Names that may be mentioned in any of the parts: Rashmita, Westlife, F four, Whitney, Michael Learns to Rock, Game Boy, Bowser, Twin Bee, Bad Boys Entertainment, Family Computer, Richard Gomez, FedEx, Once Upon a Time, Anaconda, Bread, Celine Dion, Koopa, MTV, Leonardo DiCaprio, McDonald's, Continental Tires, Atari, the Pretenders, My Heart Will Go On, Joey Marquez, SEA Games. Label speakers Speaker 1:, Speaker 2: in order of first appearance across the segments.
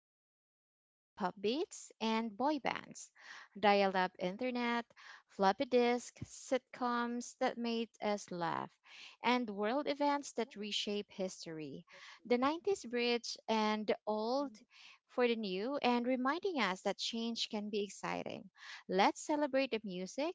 Speaker 1: a decade of hip hop beats and boy bands, dial up internet, floppy disk, sitcoms that made us laugh, and world events that reshape history. The 90s bridge and the old for the new, and reminding us that change can be exciting. Let's celebrate the music,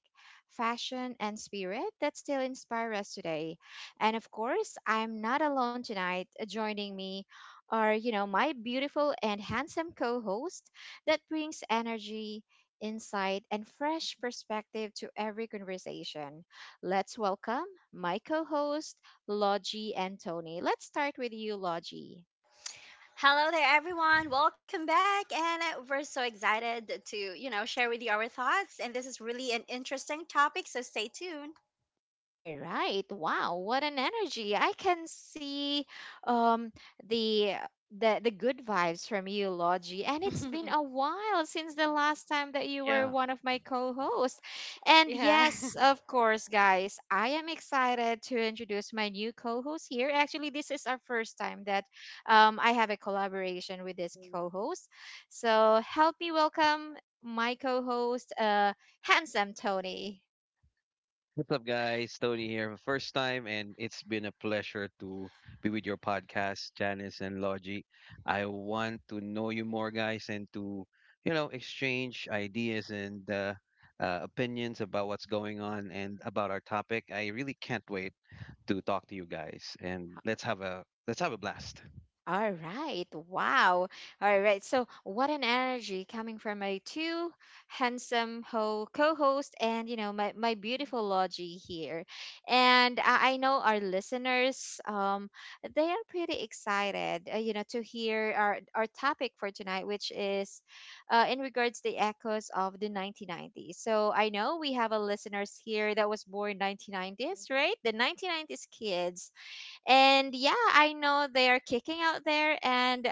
Speaker 1: fashion, and spirit that still inspire us today. And of course, I'm not alone tonight. Joining me are, my beautiful and handsome co host that brings energy, insight, and fresh perspective to every conversation. Let's welcome my co host, Logie and Tony. Let's start with you, Logie.
Speaker 2: Hello there, everyone. Welcome back. And we're so excited to, share with you our thoughts. And this is really an interesting topic, so stay tuned.
Speaker 1: All right. Wow, what an energy. I can see um the the good vibes from you, Logie. And it's been a while since the last time that you were
Speaker 3: Yeah.
Speaker 1: one of my co-hosts. And
Speaker 2: Yeah.
Speaker 1: yes, of course, guys, I am excited to introduce my new co-host here. Actually, this is our first time that I have a collaboration with this co-host. So help me welcome my co-host, Handsome Tony.
Speaker 3: What's up, guys? Tony here for the first time, and it's been a pleasure to be with your podcast, Janice and Logie. I want to know you more, guys, and to, exchange ideas and opinions about what's going on and about our topic. I really can't wait to talk to you guys, and let's have a blast.
Speaker 1: All right. Wow. All right. So what an energy coming from my two co-host and, you know, my, beautiful Logie here. And I know our listeners, they are pretty excited, you know, to hear our topic for tonight, which is in regards the echoes of the 1990s. So, I know we have a listeners here that was born 1990s, right? The 1990s kids, and yeah, I know they are kicking out there and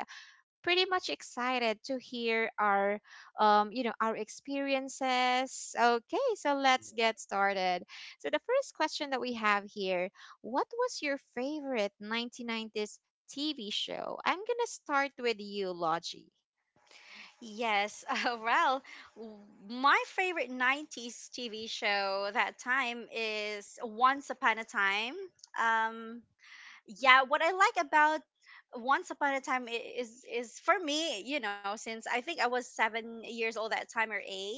Speaker 1: pretty much excited to hear our you know our experiences. Okay, so let's get started. So the first question that we have here, what was your favorite 1990s TV show? I'm going to start with you, Logie.
Speaker 2: Yes. Well, w- my favorite 90s TV show that time is Once Upon a Time. Um, yeah, what I like about Once Upon a Time is for me, you know, since I think I was 7 years old that time, or eight,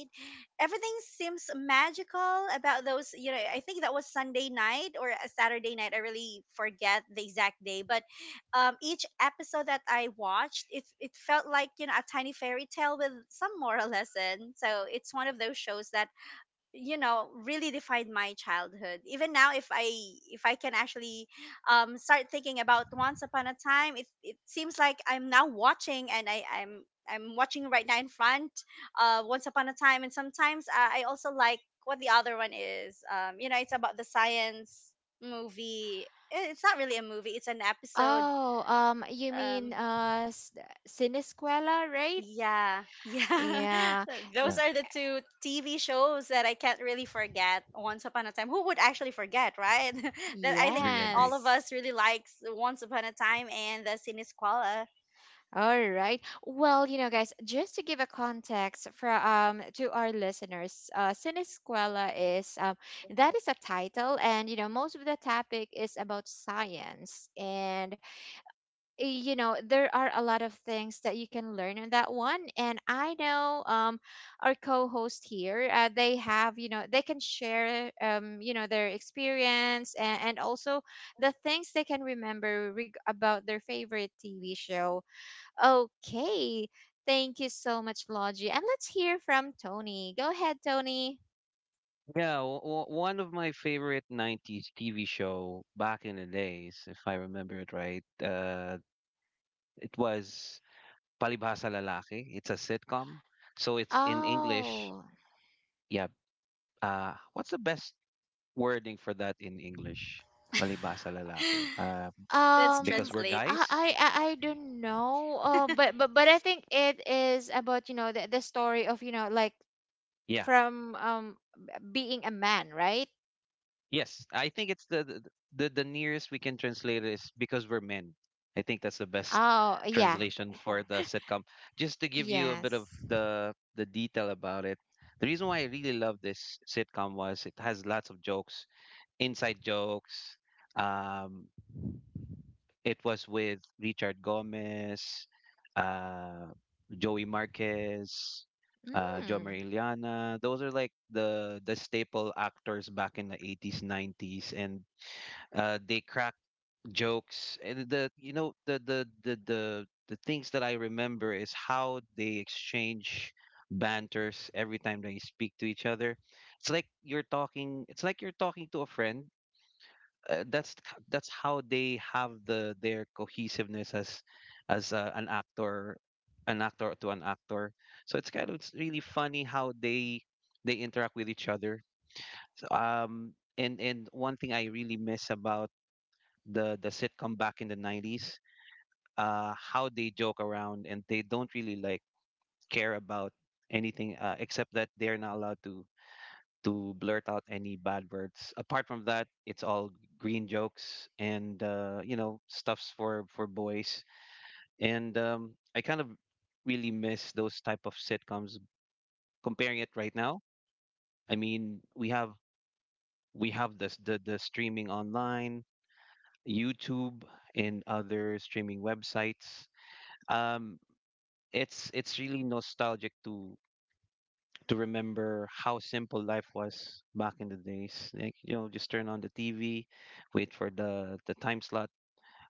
Speaker 2: everything seems magical about those. You know, I think that was Sunday night or a Saturday night. I really forget the exact day, but each episode that I watched, it felt like, you know, a tiny fairy tale with some moral lesson, so it's one of those shows that, you know, really defined my childhood. Even now, if I can actually start thinking about Once Upon a Time, it seems like I'm now watching, and I'm watching right now in front Once Upon a Time. And sometimes I also like what the other one is. You know, it's about the science movie. It's not really a movie, it's an episode.
Speaker 1: Oh, you
Speaker 2: um
Speaker 1: mean Sinescuela, right?
Speaker 2: Yeah, yeah.
Speaker 1: Yeah.
Speaker 2: Those
Speaker 3: Yeah.
Speaker 2: are the two TV shows that I can't really forget. Once Upon a Time. Who would actually forget, right? That, I think,
Speaker 3: Agree,
Speaker 2: all
Speaker 3: agree.
Speaker 2: of
Speaker 1: Yes.
Speaker 2: us really likes Once Upon a Time and the Sinisquala.
Speaker 1: All right. Well, you know, guys, just to give a context for to our listeners, Sinisquela is that is a title, and you know, most of the topic is about science, and you know, there are a lot of things that you can learn in that one. And I know our co-host here, they have you know they can share you know their experience and also the things they can remember about their favorite TV show. Okay. Thank you so much, Logie. And let's hear from Tony. Go ahead, Tony.
Speaker 3: Yeah, w w one of my favorite 90s TV show back in the days, if I remember it right, it was Palibhasa Lalaki. It's a sitcom. So it's in English.
Speaker 1: Oh,
Speaker 3: Yeah. What's the best wording for that in English? Palibhasa Lalaki.
Speaker 2: Let's
Speaker 1: um,
Speaker 3: Because we're
Speaker 2: translate.
Speaker 1: I
Speaker 3: guys?
Speaker 1: I I I don't know. But I think it is about you know the story of you know like
Speaker 3: Yeah.
Speaker 1: from being a man, right?
Speaker 3: Yes, I think it's the nearest we can translate is because we're men. I think that's the best
Speaker 1: Oh yeah,
Speaker 3: translation for the sitcom. Just to give you a bit of
Speaker 1: yes.
Speaker 3: the detail about it, the reason why I really love this sitcom was it has lots of jokes, inside jokes. Um, it was with Richard Gomez, uh, Joey Marquez, Jomer
Speaker 1: Mm,
Speaker 3: Iliana. Those are like the staple actors back in the 80s, 90s, and they crack jokes, and the you know the things that I remember is how they exchange banters every time they speak to each other. It's like you're talking. It's like you're talking to a friend. That's that's how they have their cohesiveness as an actor, to an actor. So it's kind of it's really funny how they interact with each other. So, and one thing I really miss about the sitcom back in the 90s, how they joke around, and they don't really like care about anything, except that they're not allowed to blurt out any bad words. Apart from that, it's all green jokes and, stuffs for boys, and I kind of really miss those type of sitcoms comparing it right now. I mean, we have this the streaming online, YouTube, and other streaming websites. um it's really nostalgic to remember how simple life was back in the days. Like, just turn on the TV, wait for the time slot.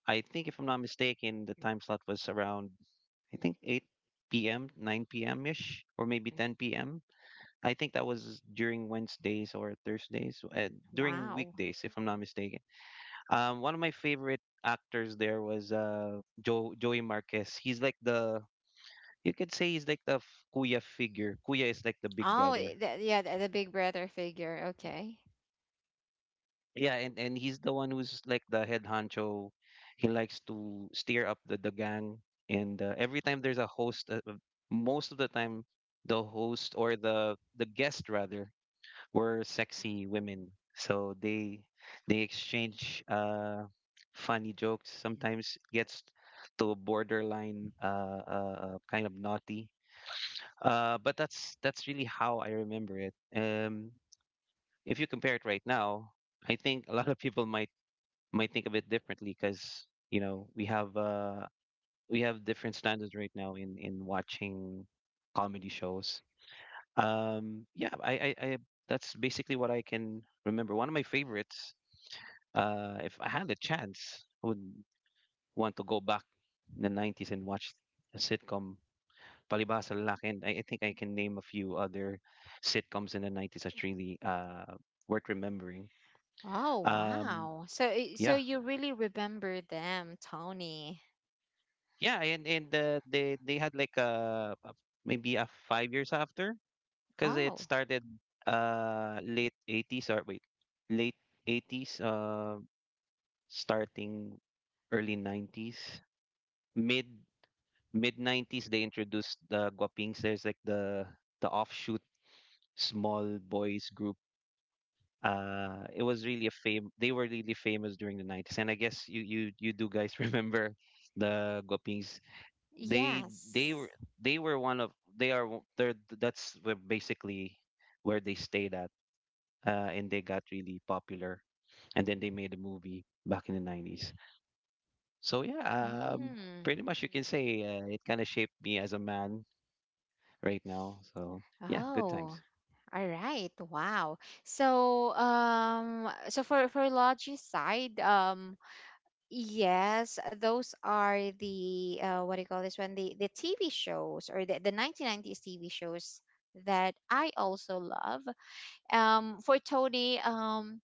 Speaker 3: I think, if I'm not mistaken, the time slot was around, I think, 8 p.m., 9 p.m. ish, or maybe 10 p.m. I think that was during Wednesdays or Thursdays, during
Speaker 1: wow.
Speaker 3: weekdays, if I'm not mistaken. One of my favorite actors there was, Joey Marquez. He's like the You could say he's like the kuya figure. Kuya is like the big
Speaker 1: Oh,
Speaker 3: brother.
Speaker 1: yeah, the big brother figure. Okay.
Speaker 3: Yeah, and he's the one who's like the head honcho. He likes to steer up the gang, and, every time there's a host, most of the time the host, or the guest rather, were sexy women. So they exchange funny jokes. Sometimes it gets to a borderline, kind of naughty. But that's really how I remember it. If you compare it right now, I think a lot of people might think of it differently, because, we have different standards right now in watching comedy shows. Yeah, I that's basically what I can remember. One of my favorites. If I had the chance, I would want to go back in the '90s and watch a sitcom, Palibhasa Lalaki, and, I think I can name a few other sitcoms in the 90s that's really, worth remembering.
Speaker 1: Oh,
Speaker 3: Um,
Speaker 1: wow. So so
Speaker 3: yeah,
Speaker 1: you really remember them, Tony.
Speaker 3: yeah, and they had like, maybe a 5 years after, because it
Speaker 1: Oh,
Speaker 3: started, late 80s, or wait, late 80s, starting early 90s, mid mid 90s, they introduced the guapings. There's like the offshoot small boys group. It was really a fame. They were really famous during the 90s, and I guess you do, guys, remember the guapings. They they were
Speaker 1: yes.
Speaker 3: they were one of they're, that's where basically where they stayed at, and they got really popular, and then they made a movie back in the 90s. So yeah. um
Speaker 1: Mm.
Speaker 3: Pretty much you can say, it kind of shaped me as a man right now, so yeah, good
Speaker 1: Oh,
Speaker 3: times.
Speaker 1: all right. Wow. So so for Logi side, yes, those are the what do you call this one? The TV shows or the 1990s TV shows that I also love. For Tony,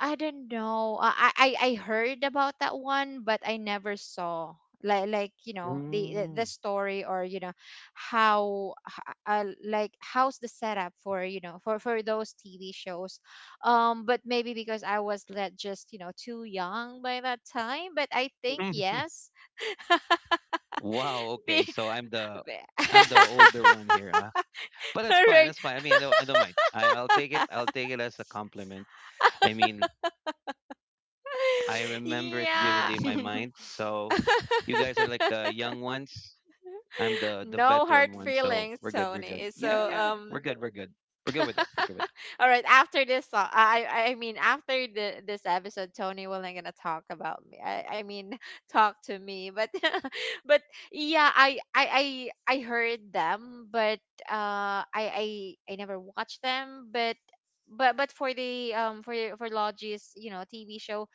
Speaker 1: I don't know. I heard about that one, but I never saw like you know the
Speaker 3: Mm.
Speaker 1: story or you know like how's the setup for you know for those TV shows. But maybe because I was let just you know too young by that time. But I think yes.
Speaker 3: Wow, okay.
Speaker 1: Be-
Speaker 3: So
Speaker 1: be-
Speaker 3: I'm the older one here, huh? But that's fine.
Speaker 1: Right.
Speaker 3: That's fine. I mean, I don't mind. I'll take it.
Speaker 1: Uh,
Speaker 3: I'll take it as a compliment. I mean, I remember it
Speaker 1: Yeah.
Speaker 3: vividly in my mind. So you guys are like the young ones. I'm the
Speaker 1: No
Speaker 3: veteran
Speaker 1: hard
Speaker 3: one. So
Speaker 1: feelings,
Speaker 3: we're good. We're good.
Speaker 1: Tony.
Speaker 3: Yeah,
Speaker 1: So
Speaker 3: yeah, yeah,
Speaker 1: um.
Speaker 3: we're good. We're good. We're good with that. We're good with that.
Speaker 1: All right, after this song, I mean after the this episode, Tony will not gonna talk about me. I mean talk to me, but but yeah, I heard them, but I never watched them, but. But for the for Logis you know TV show.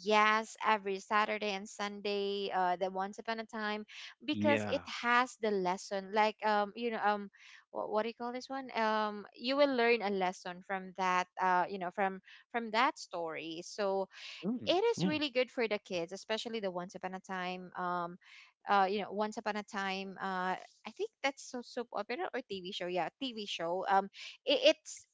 Speaker 1: Yes, every Saturday and Sunday, the Once Upon a Time, because it
Speaker 3: Yeah.
Speaker 1: has the lesson. Like you know what do you call this one? You will learn a lesson from that. You know from that story. So
Speaker 3: Mm,
Speaker 1: it is
Speaker 3: yeah.
Speaker 1: really good for the kids, especially the Once Upon a Time, you know, Once Upon a Time. I think that's so soap opera or TV show. Yeah, TV show. It,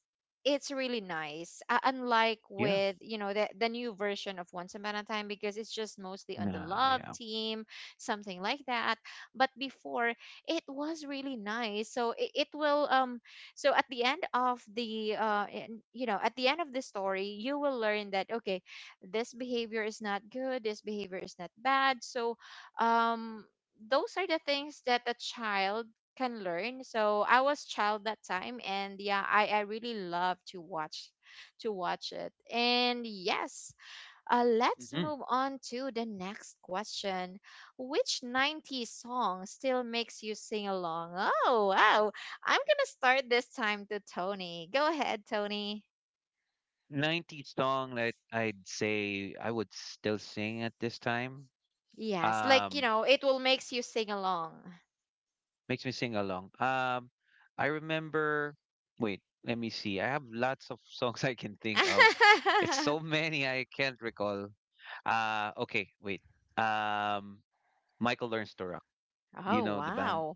Speaker 1: it's really nice. Unlike
Speaker 3: Yeah.
Speaker 1: with you know the new version of Once Upon a Time because it's just mostly on the
Speaker 3: Nah,
Speaker 1: love
Speaker 3: yeah.
Speaker 1: team, something like that. But before it was really nice. So it will so at the end of you know at the end of the story you will learn that okay, this behavior is not good, this behavior is not bad. So um, those are the things that a child can learn. So I was child that time, and yeah, I really love to watch it. And yes, let's
Speaker 3: Mm-hmm.
Speaker 1: move on to the next question. Which 90s song still makes you sing along? Oh wow. I'm gonna start this time to Tony. Go ahead, Tony.
Speaker 3: 90s song that I'd say I would still sing at this time.
Speaker 1: Yes, like you
Speaker 3: Um,
Speaker 1: know, it will makes you sing along.
Speaker 3: Makes me sing along. I remember. Wait, let me see. I have lots of songs I can think of. It's so many I can't recall. Okay, wait. Um, Michael Learns to Rock. Do you
Speaker 1: Oh,
Speaker 3: know the band?
Speaker 1: wow.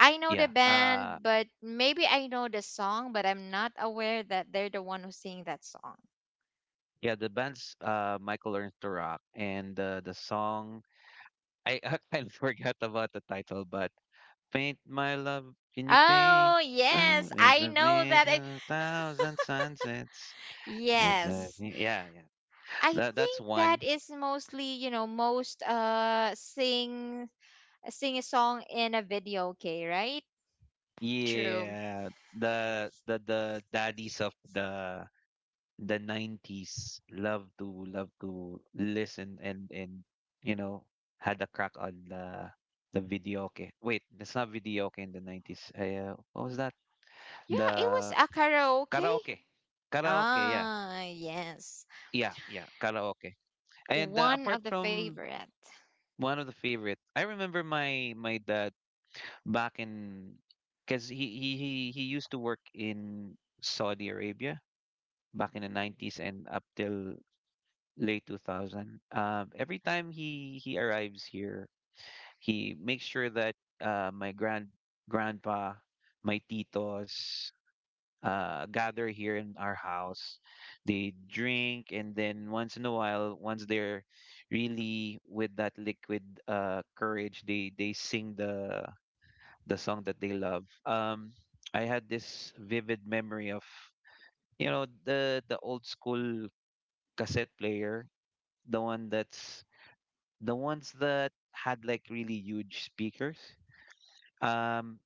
Speaker 1: I know the
Speaker 3: Yeah.
Speaker 1: band, but maybe I know the song, but I'm not aware that they're the one who sing that song.
Speaker 3: Yeah, the band's Michael Learns to Rock, and, the song, I, I kind of forgot about the title, but paint my love, can you paint?
Speaker 1: Oh,
Speaker 3: Well,
Speaker 1: yes,
Speaker 3: it's
Speaker 1: I
Speaker 3: a
Speaker 1: know that.
Speaker 3: vision of thousand sunsets. It's a,
Speaker 1: Yes.
Speaker 3: yeah, yeah.
Speaker 1: I
Speaker 3: That's
Speaker 1: think
Speaker 3: one.
Speaker 1: that is mostly, you know, most sing sing a song in a video, okay, right?
Speaker 2: True.
Speaker 3: Yeah, the daddies of the 90s love to listen, and, you know had a crack on the videoke. Wait, that's not videoke in the 90s. What was that?
Speaker 1: Yeah, it was
Speaker 3: The
Speaker 1: a karaoke.
Speaker 3: karaoke. Karaoke, yeah.
Speaker 1: Ah, yes.
Speaker 3: Yeah, yeah, karaoke. And,
Speaker 1: One of
Speaker 3: apart
Speaker 1: the
Speaker 3: from
Speaker 1: favorite.
Speaker 3: one of the favorite, I remember my dad back in, because he used to work in Saudi Arabia back in the 90s and up till late 2000. Every time he arrives here, he makes sure that, my grand grandpa, my titos, gather here in our house. They drink, and then once in a while, once they're really with that liquid, courage, they sing the song that they love. I had this vivid memory of, the old school cassette player, the one that's the ones that had like really huge speakers. Um,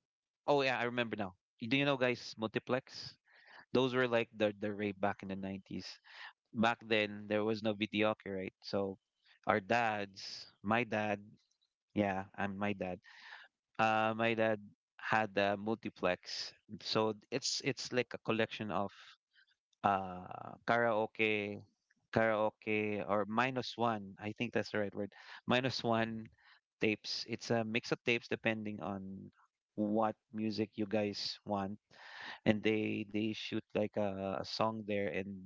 Speaker 3: oh yeah, I remember now. Do you know, guys, multiplex? Those were like the rave back in the 90s. Back then, there was no videoke, right? So our dads, my dad, yeah, I'm my dad. My dad had a multiplex, so it's like a collection of, karaoke, karaoke or minus one. I think that's the right word. Minus one tapes. It's a mix of tapes depending on what music you guys want, and they shoot like a song there. And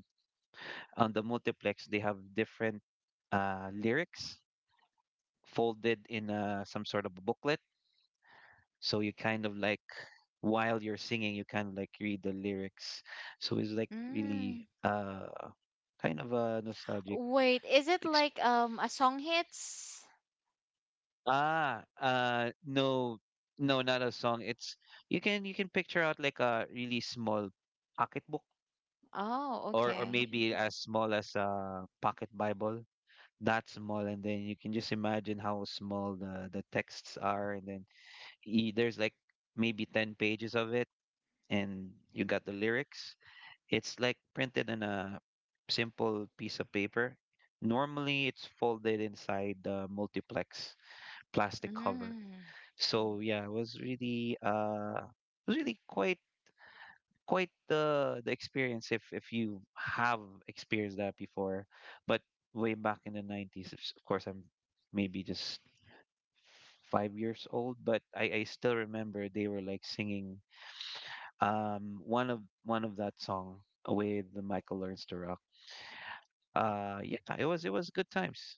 Speaker 3: on the multiplex, they have different, lyrics folded in, some sort of a booklet. So you kind of like, while you're singing, you kind of like read the lyrics, so it's like
Speaker 1: Mm.
Speaker 3: really, kind of a nostalgic
Speaker 1: Wait, is it
Speaker 3: exp-
Speaker 1: like a song hits?
Speaker 3: no, no, not a song. It's You can picture out like a really small pocketbook,
Speaker 1: Oh,
Speaker 3: or
Speaker 1: okay.
Speaker 3: maybe as small as a pocket bible. That small. And then you can just imagine how small the texts are, and then, there's like maybe 10 pages of it, and you got the lyrics. It's like printed on a simple piece of paper. Normally, it's folded inside the multiplex plastic cover.
Speaker 1: Mm,
Speaker 3: So yeah, it was really quite the experience, if you have experienced that before. But way back in the 90s, of course, I'm maybe just 5 years old, but, I still remember they were like singing, um one of one of that song with the Michael Learns to Rock. Yeah, it was, good times.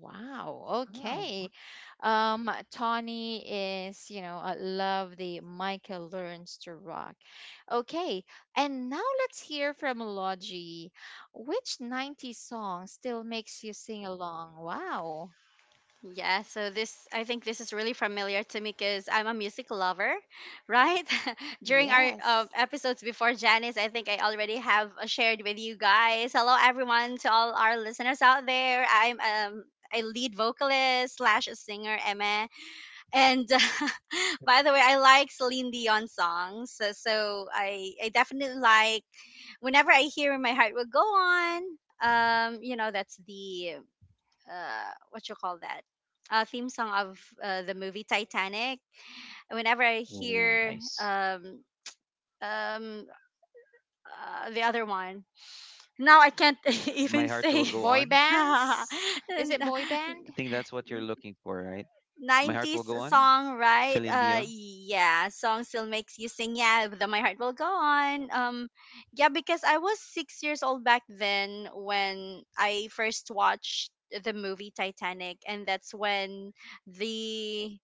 Speaker 1: wow. Okay. Tawny is, you know, I love the Michael learns to rock. Okay. And now let's hear from Logie. Which 90s song still makes you sing along? Wow.
Speaker 2: Yeah, so this, I think, this is really familiar to me because I'm a music lover, right? During our
Speaker 1: Yes.
Speaker 2: episodes before, Janice, I think I already have shared with you guys. Hello, everyone, to all our listeners out there. I'm a lead vocalist slash singer, Emma. And by the way, I like Celine Dion songs. So, I definitely like, whenever I hear My Heart Will Go On, you know, that's the what you call that, theme song of, the movie Titanic. Whenever I
Speaker 3: Oh,
Speaker 2: hear
Speaker 3: nice.
Speaker 2: um, the other one, now I can't
Speaker 3: My
Speaker 2: even
Speaker 3: heart will
Speaker 2: say
Speaker 3: go
Speaker 1: Boy
Speaker 3: on.
Speaker 1: bands? Is it boy band?
Speaker 3: I think that's what you're looking for, right? My heart will
Speaker 2: 90s
Speaker 3: go on.
Speaker 2: song, right?
Speaker 3: Celine Dion.
Speaker 2: Yeah, song still makes you sing. Yeah, the My Heart Will Go On. Yeah, because I was 6 years old back then when I first watched the movie Titanic, and that's when the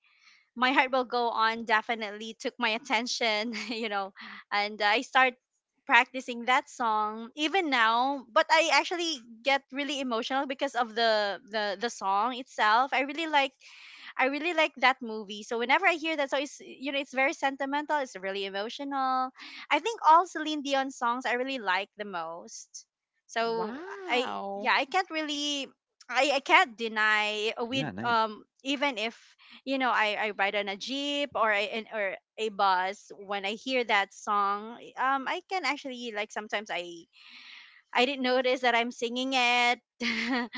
Speaker 2: My Heart Will Go On definitely took my attention. You know, and I start practicing that song even now, but I actually get really emotional because of the song itself. I really like, I really like that movie. So whenever I hear that, so it's, you know, it's very sentimental. It's really emotional. I think all Celine Dion songs, I really like the most. So I, yeah,
Speaker 1: Wow.
Speaker 2: I can't really, I can't deny, we
Speaker 3: Yeah, nice.
Speaker 2: even if, you know, I ride on a jeep or or a bus. When I hear that song, I can actually like sometimes, I didn't notice that I'm singing it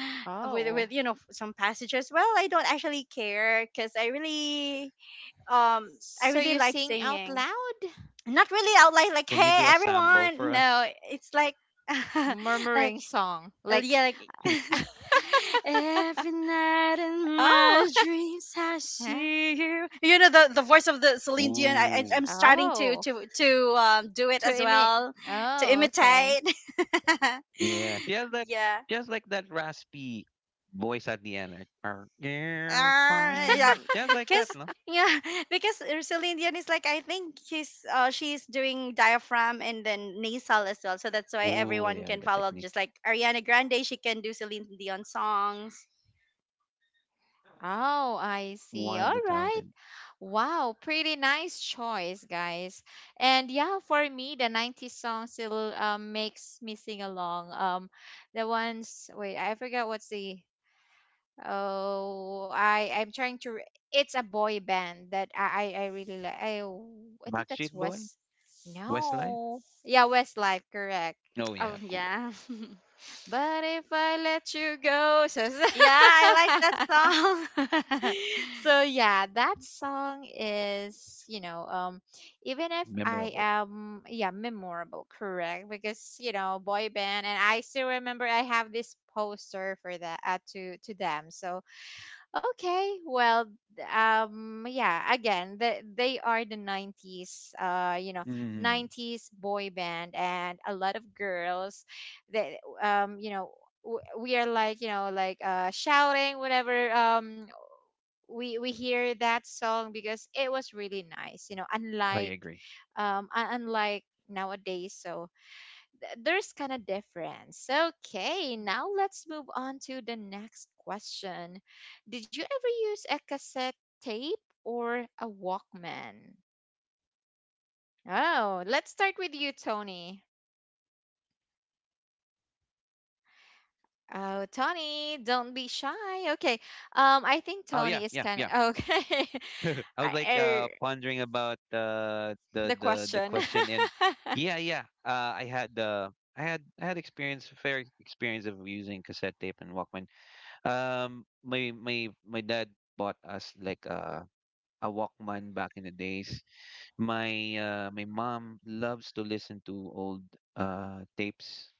Speaker 2: with,
Speaker 1: Oh.
Speaker 2: with some passages. Well, I don't actually care because um I
Speaker 1: So
Speaker 2: really
Speaker 1: you
Speaker 2: like
Speaker 1: sing out
Speaker 2: singing.
Speaker 1: loud?
Speaker 2: Not really out like,
Speaker 3: Can you
Speaker 2: hey,
Speaker 3: do a
Speaker 1: Like,
Speaker 3: sample for
Speaker 2: everyone. No,
Speaker 3: us?
Speaker 2: it's like like
Speaker 1: murmuring song. Like,
Speaker 2: yeah, like every night in
Speaker 1: oh,
Speaker 2: my dreams I
Speaker 1: huh?
Speaker 2: see you. You know, the voice of the Celine Dion, I, I
Speaker 3: Ooh,
Speaker 2: I'm starting to
Speaker 1: Oh,
Speaker 2: to to um do it
Speaker 1: to
Speaker 2: as
Speaker 1: emit.
Speaker 2: well, to
Speaker 1: Oh, okay.
Speaker 2: imitate.
Speaker 3: yeah.
Speaker 2: Yeah.
Speaker 3: Just like that raspy voice at the end, like "Our dear
Speaker 2: Ah,
Speaker 3: father."
Speaker 2: yeah.
Speaker 3: Just like that,
Speaker 2: Cause
Speaker 3: no?
Speaker 2: Yeah, because Celine Dion is like, I think he's she's doing diaphragm and then nasal as well. So that's why
Speaker 3: Oh
Speaker 2: everyone
Speaker 3: yeah,
Speaker 2: can
Speaker 3: the
Speaker 2: follow.
Speaker 3: technique.
Speaker 2: Just like Ariana Grande, she can do Celine Dion songs.
Speaker 1: Oh, I see.
Speaker 3: One of
Speaker 1: All
Speaker 3: the
Speaker 1: right.
Speaker 3: talented.
Speaker 1: Wow, pretty nice choice, guys. And yeah, for me, the 90s song still makes me sing along. The ones, wait, I forgot what's the— Oh, I I'm trying to it's a boy band that I really like. I think
Speaker 3: Backstreet
Speaker 1: that's
Speaker 3: Boy,
Speaker 1: West—
Speaker 3: Westlife.
Speaker 1: No, yeah, Westlife, correct.
Speaker 3: Oh
Speaker 2: Oh,
Speaker 3: yeah, cool,
Speaker 2: yeah.
Speaker 1: But if I let you go, so so
Speaker 2: Yeah, I like that song.
Speaker 1: so, yeah, that song is you know um, even if I
Speaker 3: memorable.
Speaker 1: am yeah memorable, correct? Because you know boy band, and I still remember I have this poster for that to them. So okay, well, yeah, again, the, they are the 90s, you know,
Speaker 3: Hmm.
Speaker 1: 90s boy band, and a lot of girls that, you know, we are like, you know, like shouting whenever we hear that song because it was really nice, you know,
Speaker 3: I
Speaker 1: unlike,
Speaker 3: agree.
Speaker 1: unlike nowadays. So, there's kind of difference. Okay, now let's move on to the next question. Did you ever use a cassette tape or a Walkman? Oh, let's start with you, Tony. Oh, Tony, don't be shy. Okay. I think
Speaker 3: Oh yeah,
Speaker 1: Tony is
Speaker 3: yeah,
Speaker 1: kind
Speaker 3: yeah.
Speaker 1: of okay.
Speaker 3: I was
Speaker 1: I,
Speaker 3: like,
Speaker 1: er,
Speaker 3: pondering about,
Speaker 1: the
Speaker 3: the
Speaker 1: question.
Speaker 3: question, and yeah, yeah. I had, I had experience, fair experience, of using cassette tape and Walkman. My dad bought us like, a Walkman back in the days. My mom loves to listen to old, tapes.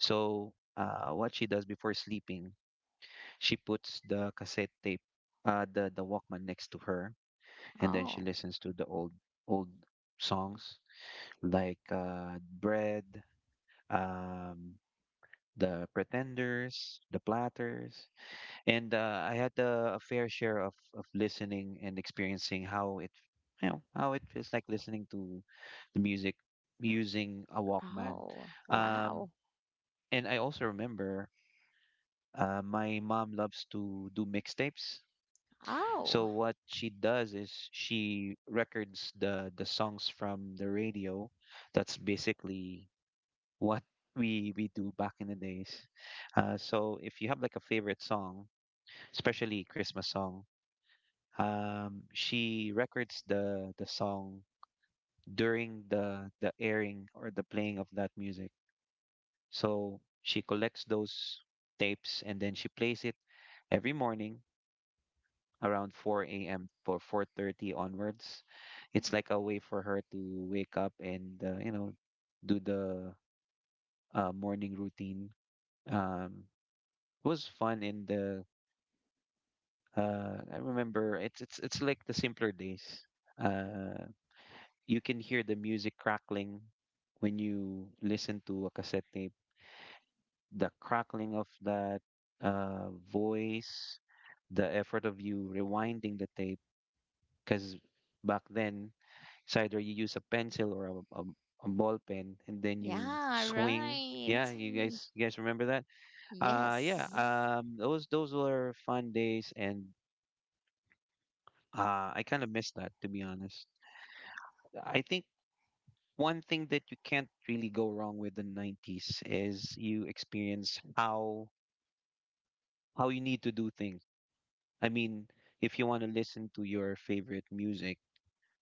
Speaker 3: So what she does before sleeping, she puts the cassette tape the Walkman next to her, and then she
Speaker 1: Oh,
Speaker 3: listens to the old songs like Bread, um, the Pretenders, the Platters, and I had a fair share of listening and experiencing how it, how it feels like listening to the music using a Walkman.
Speaker 1: oh, wow.
Speaker 3: Um, and I also remember my mom loves to do mixtapes. So
Speaker 1: Oh,
Speaker 3: what she does is she records the songs from the radio. That's basically what we do back in the days. So if you have like a favorite song, especially Christmas song, she records the song during the airing or the playing of that music. So she collects those tapes, and then she plays it every morning around 4 a.m. or 4:30 onwards. It's like a way for her to wake up and, you know, do the morning routine. Um, it was fun in the I remember it's it's like the simpler days. Uh, you can hear the music crackling when you listen to a cassette tape. The crackling of that voice, the effort of you rewinding the tape, because back then it's either you use a pencil or a ball pen and then you
Speaker 1: yeah,
Speaker 3: swing.
Speaker 1: right.
Speaker 3: Yeah, you guys, you guys remember that? Yeah, mhm.
Speaker 1: Yes.
Speaker 3: Those were fun days, and I kind of miss that, to be honest. I think one thing that you can't really go wrong with the 90s is you experience how you need to do things. I mean, if you want to listen to your favorite music,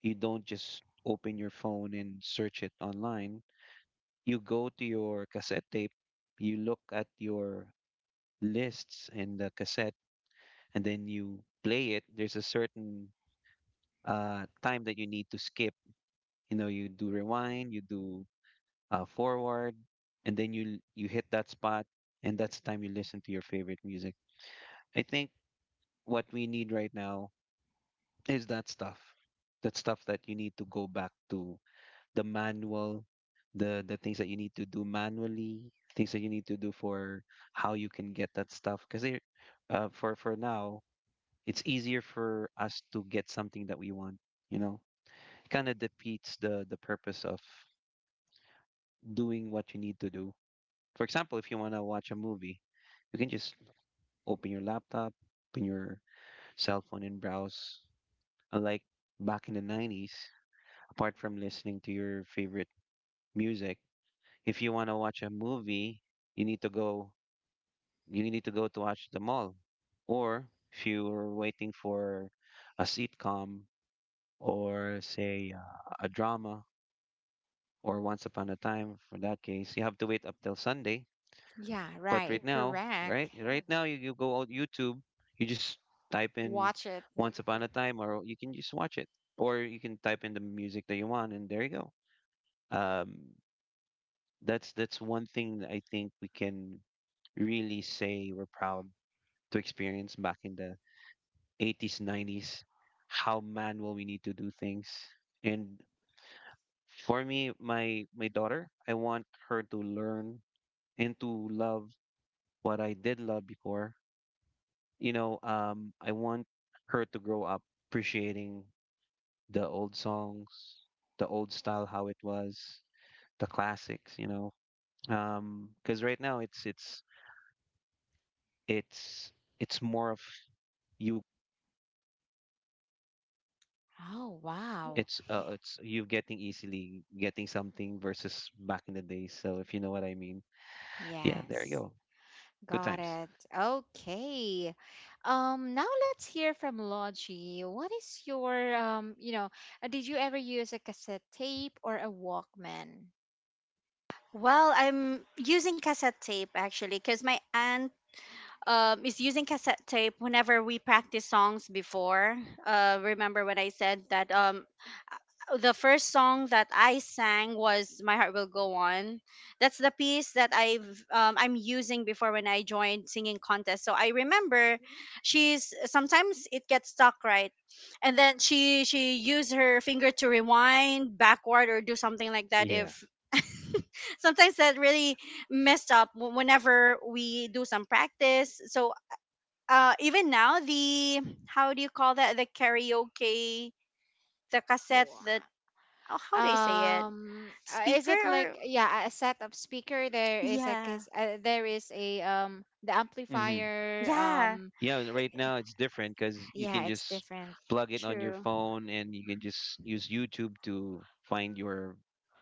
Speaker 3: you don't just open your phone and search it online. You go to your cassette tape, you look at your lists in the cassette, and then you play it. There's a certain time that you need to skip. You know, you do rewind, you do forward, and then you hit that spot, and that's the time you listen to your favorite music. I think what we need right now is that stuff, that stuff that you need to go back to the manual, the things that you need to do manually, things that you need to do for how you can get that stuff. Because for now, it's easier for us to get something that we want. You know, it kind of defeats the purpose of doing what you need to do. For example, if you want to watch a movie, you can just open your laptop, open your cell phone, and browse. Unlike back in the '90s, apart from listening to your favorite music, if you want to watch a movie, you need to go to watch the mall. Or if you're waiting for a sitcom or say a drama or Once Upon a Time, for that case, you have to wait up till Sunday.
Speaker 1: Yeah,
Speaker 3: But
Speaker 1: right.
Speaker 3: right now,
Speaker 1: Correct.
Speaker 3: right now you go on YouTube, you just type in
Speaker 1: Watch it.
Speaker 3: Once Upon a Time, or you can just watch it. Or you can type in the music that you want, and there you go. Um that's one thing that I think we can really say we're proud to experience back in the 80s, 90s, how manual we need to do things. And for me, my daughter, I want her to learn and to love what I did love before. You know, I want her to grow up appreciating the old songs, the old style, how it was, the classics. You know, because right now it's it's more of you
Speaker 1: Oh, wow.
Speaker 3: It's you getting, easily getting something versus back in the days. So if you know what I mean, yeah, there you
Speaker 1: Yes.
Speaker 3: go. Good
Speaker 1: Got
Speaker 3: times.
Speaker 1: it. Okay. Now let's hear from Logie. What is your you know, did you ever use a cassette tape or a Walkman?
Speaker 2: Well, I'm using cassette tape, actually, cuz my aunt is using cassette tape whenever we practice songs before. Remember when I said that the first song that I sang was "My Heart Will Go On." That's the piece that I'm using before when I joined singing contest. So I remember, she's sometimes it gets stuck, right? And then she used her finger to rewind backward or do something like that
Speaker 3: Yeah.
Speaker 2: if sometimes that really messed up whenever we do some practice. So, even now, the, how do you call that? The karaoke, the cassette, the,
Speaker 1: Wha—
Speaker 2: oh, how do I say it?
Speaker 1: Is
Speaker 2: Speaker,
Speaker 1: it
Speaker 2: or
Speaker 1: like yeah, a set of speaker, there is a
Speaker 2: yeah,
Speaker 1: there is a the
Speaker 3: Mm-hmm.
Speaker 1: amplifier
Speaker 2: yeah,
Speaker 3: Yeah, and right now it's different because you
Speaker 1: yeah,
Speaker 3: can
Speaker 1: it's
Speaker 3: just
Speaker 1: different.
Speaker 3: plug it on your
Speaker 2: true,
Speaker 3: phone and you can just use YouTube to find your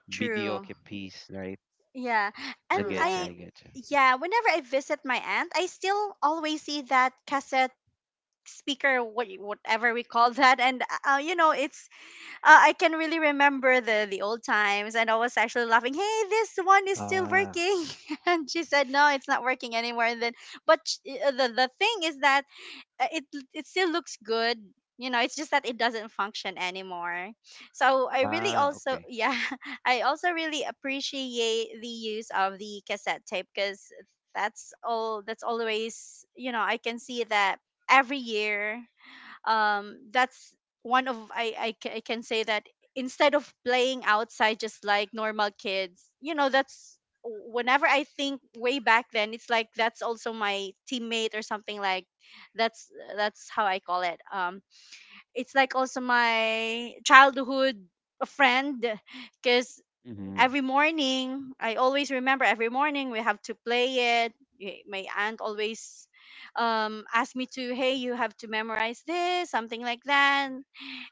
Speaker 3: video
Speaker 2: true,
Speaker 3: piece, right?
Speaker 2: yeah.
Speaker 3: I
Speaker 2: And
Speaker 3: get you.
Speaker 2: I
Speaker 3: I
Speaker 1: Correct.
Speaker 3: get you.
Speaker 2: yeah, whenever I visit my aunt, I still always see that cassette speaker, whatever we call that. And, you know, it's, I can really remember the old times, and I was actually laughing. Hey, this one is still
Speaker 3: Ah,
Speaker 2: working, and she said, "No, it's not working anymore." And then, but the thing is that, uh, it it still looks good. You know, it's just that it doesn't function anymore. So I really
Speaker 3: ah,
Speaker 2: also,
Speaker 3: okay.
Speaker 2: yeah, I also really appreciate the use of the cassette tape because that's all. That's always, you know, I can see that every year, that's one of, I can say that, instead of playing outside just like normal kids, you know, that's, whenever I think way back then, it's like that's also my teammate, or something like, that's that's how I call it. It's like also my childhood friend because
Speaker 3: Mm-hmm.
Speaker 2: every morning, I always remember, every morning we have to play it. My aunt always asked me to, hey, you have to memorize this, something like that.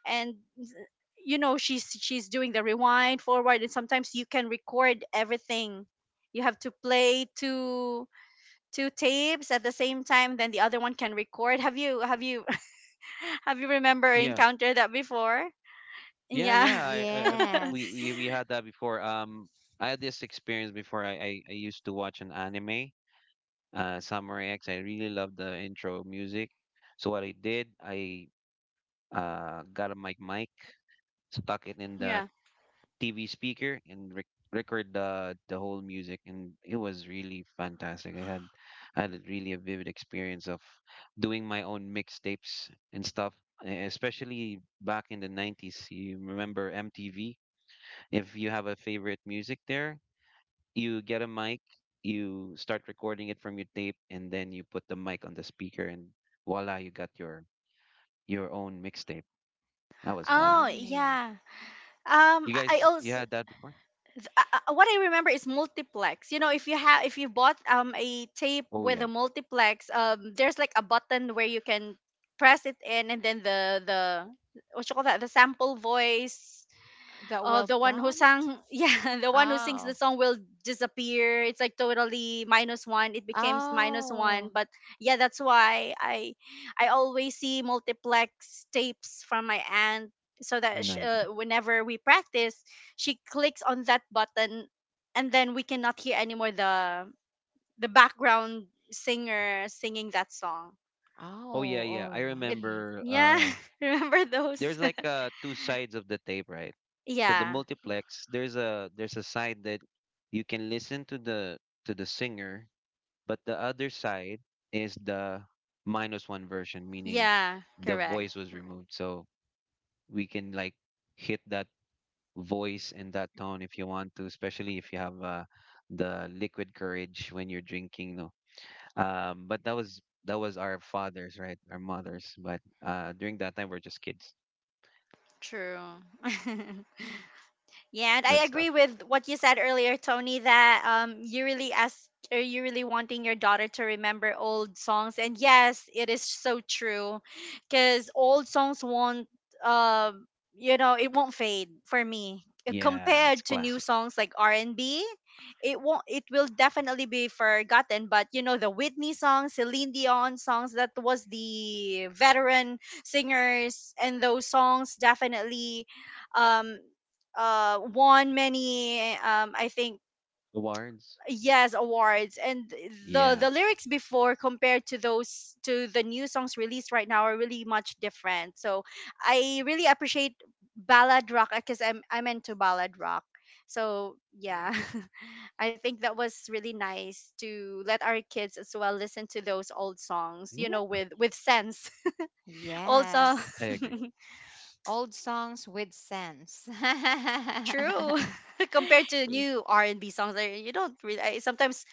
Speaker 2: And, you know, she's doing the rewind forward, and sometimes you can record everything. You have to play two tapes at the same time, then the other one can record. Have you have you remember
Speaker 3: Yeah,
Speaker 2: encountered that before?
Speaker 3: yeah,
Speaker 2: Yeah.
Speaker 3: yeah.
Speaker 1: Yes.
Speaker 3: We had that before. I had this experience before. I used to watch an anime, Summer X. I really love the intro music. So what I did, I got a mic, stuck it in the
Speaker 2: Yeah.
Speaker 3: TV speaker, and record the whole music, and it was really fantastic. I had a really a vivid experience of doing my own mixtapes and stuff. Especially back in the 90s, you remember MTV? If you have a favorite music there, you get a mic, you start recording it from your tape, and then you put the mic on the speaker, and voila, you got your own mixtape. That was fun.
Speaker 2: Oh,
Speaker 1: Right.
Speaker 2: yeah.
Speaker 3: You
Speaker 2: I
Speaker 3: guys, you
Speaker 2: also,
Speaker 3: had that before?
Speaker 2: what I remember is multiplex. You know, if you bought a tape
Speaker 3: Oh
Speaker 2: with a
Speaker 3: yeah,
Speaker 2: multiplex, there's like a button where you can press it in, and then the what you call that, the sample voice.
Speaker 1: That
Speaker 2: Oh,
Speaker 1: will
Speaker 2: the one who
Speaker 1: prompt.
Speaker 2: sang, yeah, the one who sings the
Speaker 1: Oh.
Speaker 2: song will disappear. It's like totally minus one. It becomes minus one.
Speaker 1: Oh.
Speaker 2: But yeah, that's why, I always see multiplex tapes from my aunt, so that, sh
Speaker 3: nice.
Speaker 2: whenever we practice, she clicks on that button, and then we cannot hear anymore the background singer singing that song.
Speaker 3: Oh yeah,
Speaker 1: Oh,
Speaker 3: yeah. I
Speaker 1: all
Speaker 2: It,
Speaker 1: right.
Speaker 3: remember.
Speaker 2: yeah, remember those?
Speaker 3: There's like two sides of the tape, right? So the
Speaker 2: Yeah,
Speaker 3: multiplex, there's a side that you can listen to the singer, but the other side is the minus one version, meaning
Speaker 2: yeah,
Speaker 3: the
Speaker 2: correct,
Speaker 3: voice was removed. So we can like hit that voice and that tone if you want to, especially if you have the liquid courage when you're drinking. No, but that was our fathers, right? Our mothers. But during that time, we're just kids.
Speaker 2: true. Yeah, and
Speaker 3: Good
Speaker 2: I
Speaker 3: stuff.
Speaker 2: agree with what you said earlier, Tony, that, you really asked or you really wanting your daughter to remember old songs. And yes, it is so true. Cause old songs won't, um you know, it won't fade for me.
Speaker 3: Yeah, it's
Speaker 2: Compared to new
Speaker 3: classic.
Speaker 2: songs like R and B, it won't it will definitely be forgotten. But, the Whitney songs, Celine Dion songs, that was the veteran singers, and those songs definitely, um won many, I think,
Speaker 3: Awards.
Speaker 2: yes, awards. And the
Speaker 3: Yeah.
Speaker 2: the lyrics before compared to the new songs released right now are really much different. So I really appreciate ballad rock because I'm into ballad rock. So yeah, I think that was really nice, to let our kids as well listen to those old songs, you know,
Speaker 3: Yeah.
Speaker 2: with sense. Also,
Speaker 1: Yes.
Speaker 3: I agree.
Speaker 1: Old songs with sense.
Speaker 2: true. Compared to
Speaker 1: Y-
Speaker 2: new R&B songs, like, you don't really, I sometimes,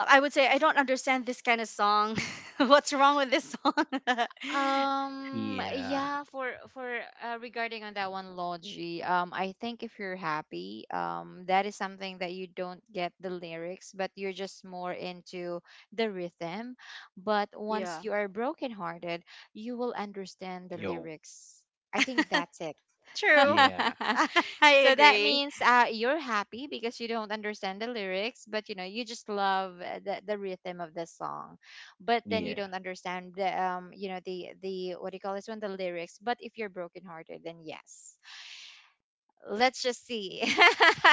Speaker 2: I would say, I don't understand this kind of song. What's wrong with this song?
Speaker 3: Yeah.
Speaker 1: Yeah, for regarding on that one Logi, I think if you're happy, that is something that you don't get the lyrics, but you're just more into the rhythm. But once
Speaker 2: Yeah.
Speaker 1: you are brokenhearted, you will understand the
Speaker 3: Yo.
Speaker 1: lyrics. I think that's it.
Speaker 2: True.
Speaker 3: Yeah.
Speaker 2: I
Speaker 1: So that
Speaker 2: agree.
Speaker 1: means you're happy because you don't understand the lyrics, but you know you just love the rhythm of the song. But then you
Speaker 3: Yeah.
Speaker 1: don't understand the you know the what do you call this one the lyrics. But if you're brokenhearted, then yes, let's just see.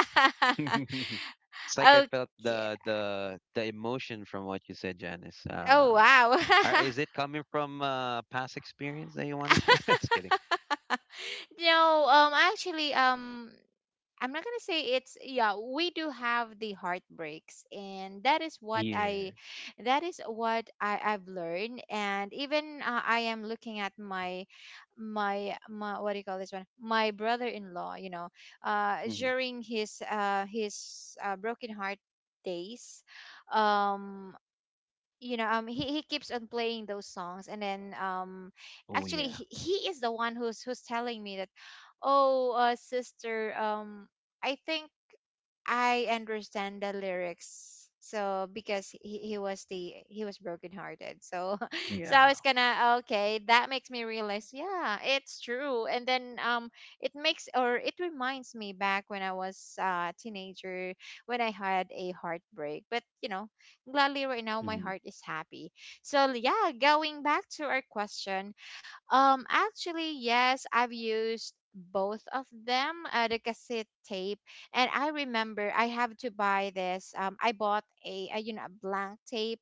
Speaker 3: It's like I felt
Speaker 1: Okay.
Speaker 3: the the emotion from what you said, Janice.
Speaker 1: Oh wow.
Speaker 3: Are is it coming from a past experience that you want to share? Just kidding.
Speaker 1: No, actually, I'm not gonna say it's yeah, we do have the heartbreaks, and that is what
Speaker 3: Yeah.
Speaker 1: I that is what I've learned. And even I am looking at my my my what do you call this one? My brother in law, you know,
Speaker 3: Mhm.
Speaker 1: during his broken heart days um you know he keeps on playing those songs, and then
Speaker 3: Oh
Speaker 1: actually
Speaker 3: yeah.
Speaker 1: he is the one who's telling me that oh sister I think I understand the lyrics. So because he was the he was brokenhearted. So I
Speaker 3: Yeah.
Speaker 1: was gonna okay, that makes me realize, yeah, it's true. And then it makes or it reminds me back when I was a teenager when I had a heartbreak. But you know, gladly right now my
Speaker 3: Mhm.
Speaker 1: heart is happy. So yeah, going back to our question, actually, yes, I've used both of them, the cassette tape, and I remember I have to buy this. I bought a you know a blank tape,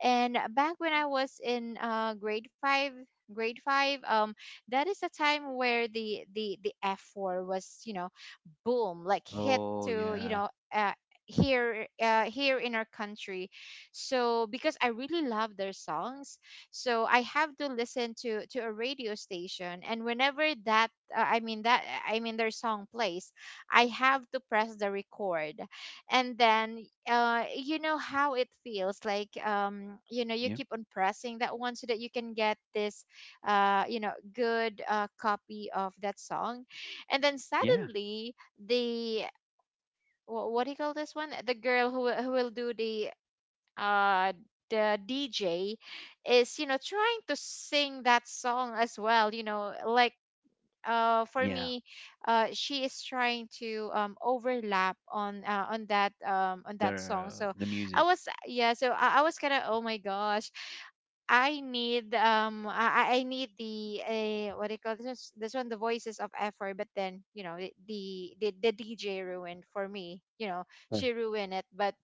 Speaker 1: and back when I was in grade five, grade five, um, that is a time where the F four was you know boom like hit
Speaker 3: Oh
Speaker 1: to
Speaker 3: yeah.
Speaker 1: here here in our country, so because I really love their songs, so I have to listen to a radio station, and whenever that their song plays, I have to press the record. And then you know how it feels like, you know you
Speaker 3: Yeah.
Speaker 1: keep on pressing that one so that you can get this you know good copy of that song. And then
Speaker 3: Yeah.
Speaker 1: suddenly the what do you call this one? The girl who will do uh the DJ is you know trying to sing that song as well. You know, like for
Speaker 3: Yeah.
Speaker 1: me, she is trying to overlap on that song.
Speaker 3: The
Speaker 1: So I
Speaker 3: music.
Speaker 1: was yeah. So I was kind of oh my gosh. I need, I need the what do you call this this one, the voices of effort, but then you know the DJ ruined for me you know,
Speaker 3: Yeah.
Speaker 1: she ruined it. But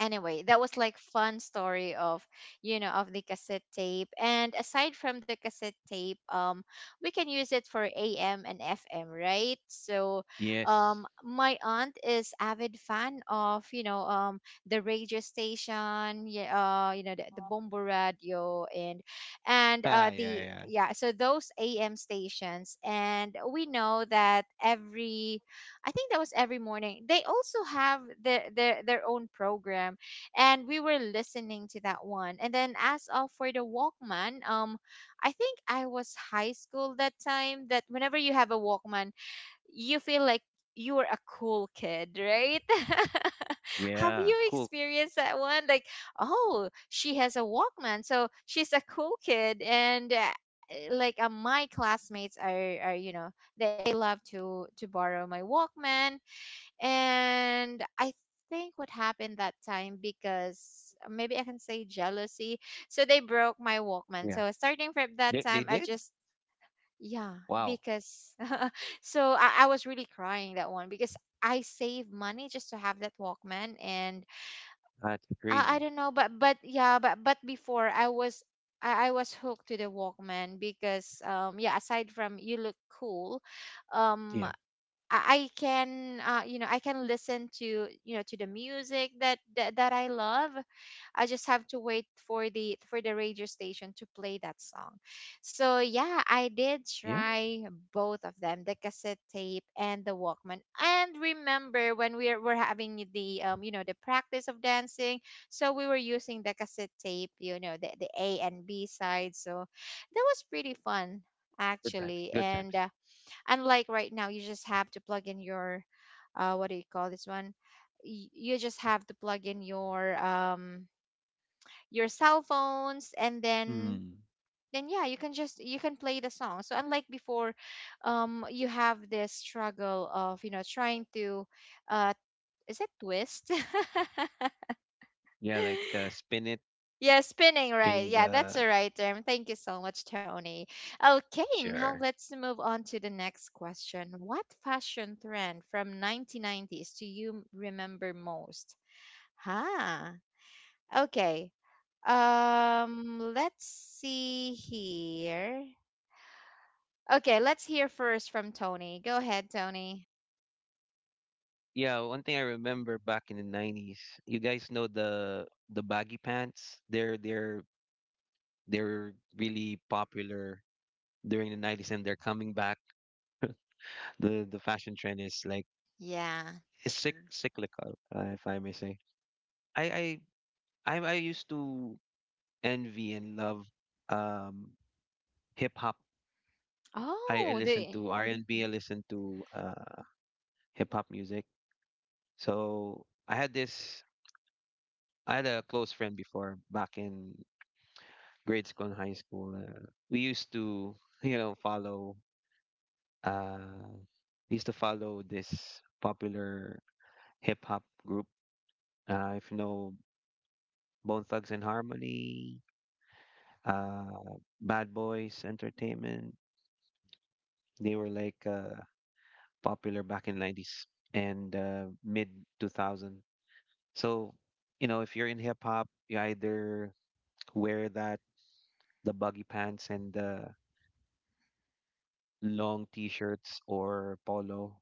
Speaker 1: anyway, that was like fun story of, you know, of the cassette tape. And aside from the cassette tape, we can use it for am and fm, right? So
Speaker 3: Yes.
Speaker 1: my aunt is avid fan of you know, the radio station, yeah, you know, the bombo radio and
Speaker 3: Ah,
Speaker 1: uh,
Speaker 3: yeah,
Speaker 1: the
Speaker 3: yeah.
Speaker 1: yeah, so those am stations. And we know that every, I think that was every morning, they also have their own program, and we were listening to that one. And then as of for the Walkman, I think I was high school that time. That whenever you have a Walkman, you feel like you're a cool kid, right? Have
Speaker 3: Yeah.
Speaker 1: you
Speaker 3: Cool.
Speaker 1: experienced that one? Like, oh, she has a Walkman, so she's a cool kid, and my classmates are you know, they love to borrow my Walkman, and I think what happened that time, because maybe I can say jealousy, so they broke my Walkman.
Speaker 3: Yeah.
Speaker 1: So starting from that
Speaker 3: They
Speaker 1: time, I
Speaker 3: did?
Speaker 1: just yeah,
Speaker 3: Wow.
Speaker 1: because so I was really crying that one because I save money just to have that Walkman. And
Speaker 3: That's
Speaker 1: I
Speaker 3: crazy.
Speaker 1: don't know, but yeah, but before I was, I was hooked to the Walkman because um, yeah, aside from you look cool, um
Speaker 3: Yeah.
Speaker 1: I can you know, I can listen to you know, to the music that I love. I just have to wait for the radio station to play that song. So yeah, I did
Speaker 3: Yeah.
Speaker 1: try both of them, the cassette tape and the Walkman. And remember when we were having the you know the practice of dancing, so we were using the cassette tape, you know, the A and B side. So that was pretty fun
Speaker 3: Good times.
Speaker 1: actually.
Speaker 3: Good
Speaker 1: And
Speaker 3: times.
Speaker 1: unlike right now, you just have to plug in your what do you call this one? You just have to plug in your cell phones, and
Speaker 3: Hmm.
Speaker 1: then yeah, you can just you can play the song. So unlike before, you have this struggle of you know trying to uh is it twist?
Speaker 3: Yeah, like, spin it,
Speaker 1: Yeah, spinning, right?
Speaker 3: spinning
Speaker 1: Yeah, that's
Speaker 3: the
Speaker 1: the right term. Thank you so much, Tony. Okay, now
Speaker 3: sure.
Speaker 1: let's move on to the next question. What fashion trend from 1990s do you remember most? Huh. Okay. Let's see here. Okay, let's hear first from Tony. Go ahead, Tony.
Speaker 3: Yeah, one thing I remember back in the 90s, you guys know the baggy pants. They're really popular during the 90s, and they're coming back. The fashion trend is like
Speaker 1: Yeah.
Speaker 3: it's cyc Mhm. cyclical, if I may say. I I used to envy and love um hip hop. I
Speaker 1: Oh,
Speaker 3: listened
Speaker 1: the
Speaker 3: to R&B, I listened to hip hop music. So I had this I had a close friend before back in grade school and high school. We used to, you know, follow, uh, we used to follow this popular hip hop group. If you know Bone Thugs and Harmony, Bad Boys Entertainment, they were like popular back in 90s and mid 2000. So, you know, if you're in hip hop, you either wear that, the buggy pants and the long t shirts or polo.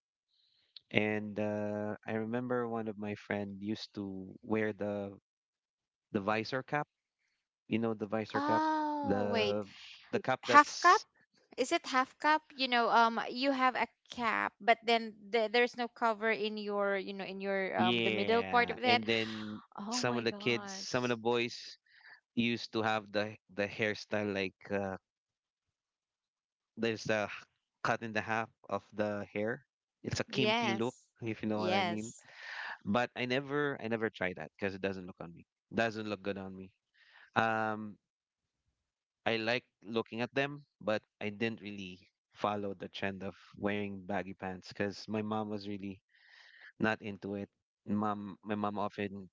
Speaker 3: And I remember one of my friend used to wear the visor cap. You know the visor cap,
Speaker 1: oh wait,
Speaker 3: the cap
Speaker 1: half cup?
Speaker 3: that's
Speaker 1: Is it half cup? You know, you have a cap, but then the, there's no cover in your, you know, in your the middle part
Speaker 3: yeah.
Speaker 1: of that.
Speaker 3: And then
Speaker 1: Oh
Speaker 3: some of
Speaker 1: my
Speaker 3: the kids,
Speaker 1: gosh.
Speaker 3: some of the boys used to have the hairstyle like, there's a cut in the half of the hair. It's a kimpy look,
Speaker 1: Yes.
Speaker 3: if you know what I mean.
Speaker 1: Yes.
Speaker 3: But I never tried that because it doesn't look on me. Doesn't look good on me. Um, I like looking at them, but I didn't really follow the trend of wearing baggy pants because my mom was really not into it. My mom often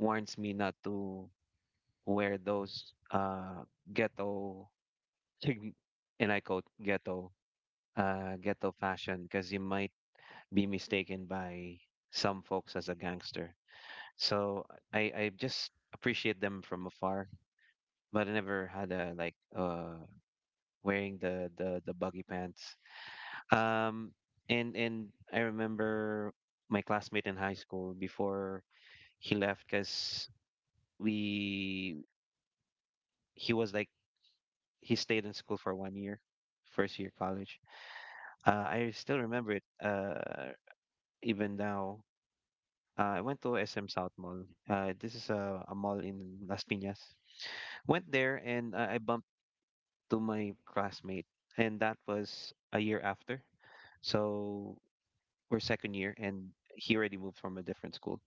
Speaker 3: warns me not to wear those ghetto, and I quote ghetto, ghetto fashion, because you might be mistaken by some folks as a gangster. So I just appreciate them from afar, but I never had a like wearing the the buggy pants. Um, and I remember my classmate in high school before he left because we he was like he stayed in school for 1 year, first year college. I still remember it, even now. I went to SM South Mall. This is a mall in Las Piñas. Went there and I bumped to my classmate, and that was a year after. So we're second year, and he already moved from a different school.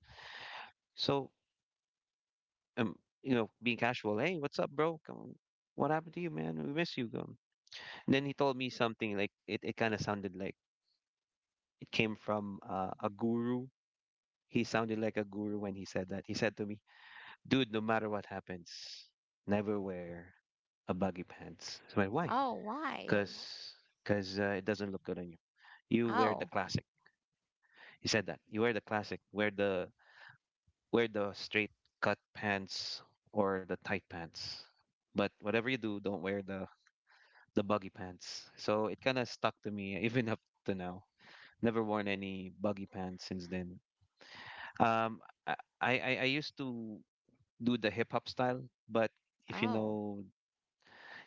Speaker 3: So, um, you know, being casual. Hey, what's up, bro? Come, what happened to you, man? We miss you. Come. And then he told me something like it. It kind of sounded like it came from, a guru. He sounded like a guru when he said that. He said to me, "Dude, no matter what happens, never wear a baggy pants." So I went, "Why?"
Speaker 1: Oh, why?
Speaker 3: Because, it doesn't look good on you. You wear the
Speaker 1: Oh,
Speaker 3: classic. He said that. You wear the classic. Wear the straight cut pants or the tight pants. But whatever you do, don't wear the buggy pants. So it kind of stuck to me even up to now. Never worn any buggy pants since then. Um, I, I used to do the hip hop style, but if you
Speaker 1: oh.
Speaker 3: know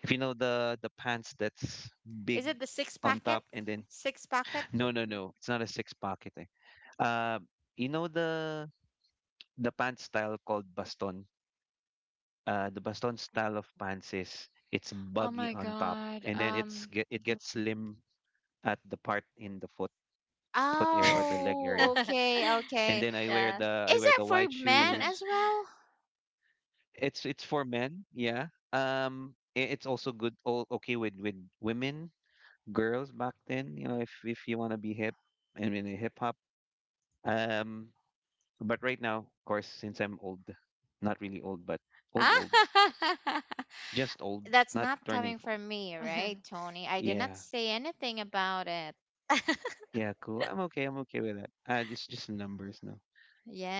Speaker 3: if you know the pants that's
Speaker 1: Is
Speaker 3: big
Speaker 1: it the six
Speaker 3: on
Speaker 1: packet?
Speaker 3: top and then
Speaker 1: Six packet?
Speaker 3: no, no, no, it's not a six pocket, eh. Uh, you know the pants style called baston. The baston style of pants is it's
Speaker 1: Oh
Speaker 3: buggy
Speaker 1: my
Speaker 3: on top
Speaker 1: god.
Speaker 3: and then it's get it gets slim at the part in the foot area or the leg
Speaker 1: Oh,
Speaker 3: area.
Speaker 1: okay,
Speaker 3: And
Speaker 1: okay.
Speaker 3: then I wear
Speaker 2: Yeah.
Speaker 3: the
Speaker 1: Is that for
Speaker 3: white
Speaker 1: men as
Speaker 3: shoes.
Speaker 1: well?
Speaker 3: It's for men, yeah. It's also good, all okay with women, girls back then. You know, if you want to be hip and in hip hop. Um, but right now, of course, since I'm old, not really old, but old old, s- just old,
Speaker 1: That's
Speaker 3: not
Speaker 1: not
Speaker 3: turning
Speaker 1: coming
Speaker 3: four.
Speaker 1: from me, right, Tony? I did
Speaker 3: Yeah,
Speaker 1: not say anything about it.
Speaker 3: yeah, cool. I'm okay. I'm okay with that. It's just numbers, no.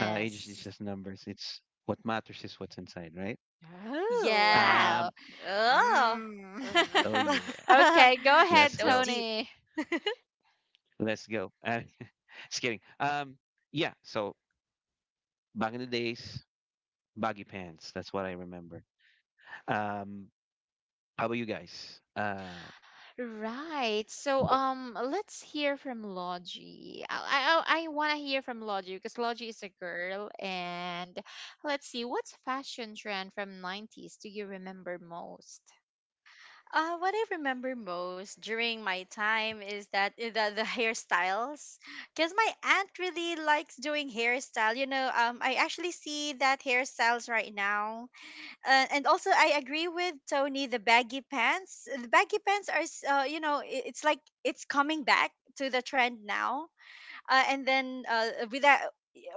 Speaker 3: Age is just numbers. It's what matters is what's inside, right?
Speaker 1: Oh,
Speaker 2: Yeah.
Speaker 1: wow.
Speaker 3: Um,
Speaker 2: Oh.
Speaker 3: Oh
Speaker 1: Mm.
Speaker 3: yeah,
Speaker 2: That
Speaker 1: Okay, go ahead,
Speaker 3: let's
Speaker 2: was
Speaker 3: go,
Speaker 2: deep.
Speaker 1: Tony.
Speaker 3: let's go. Just kidding. Yeah. So back in the days, baggy pants. That's what I remember. Um, how about you guys?
Speaker 1: Right. So let's hear from Logie. I want to hear from Logie because Logie is a girl. And let's see what's fashion trend from 90s do you remember most?
Speaker 2: What I remember most during my time is that, the hairstyles, because my aunt really likes doing hairstyle. I actually see that hairstyles right now. And also I agree with Tony. The baggy pants are, s- you know, I- it's like, it's coming back to the trend now. And then, with that,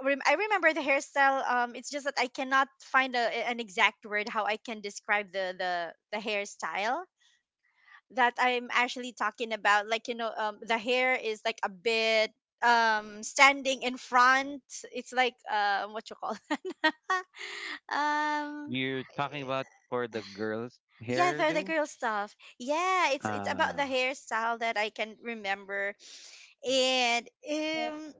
Speaker 2: I remember the hairstyle. It's just that I cannot find an exact word how I can describe the hairstyle that I'm actually talking about. Like, the hair is like a bit, standing in front. It's like, what you call, um
Speaker 3: You're talking
Speaker 1: Eh,
Speaker 3: about for the girls'
Speaker 2: yeah, they're the
Speaker 3: hairdo?
Speaker 2: girl stuff. Yeah, it's, about the
Speaker 3: Uh,
Speaker 2: hairstyle that I can remember. And, um,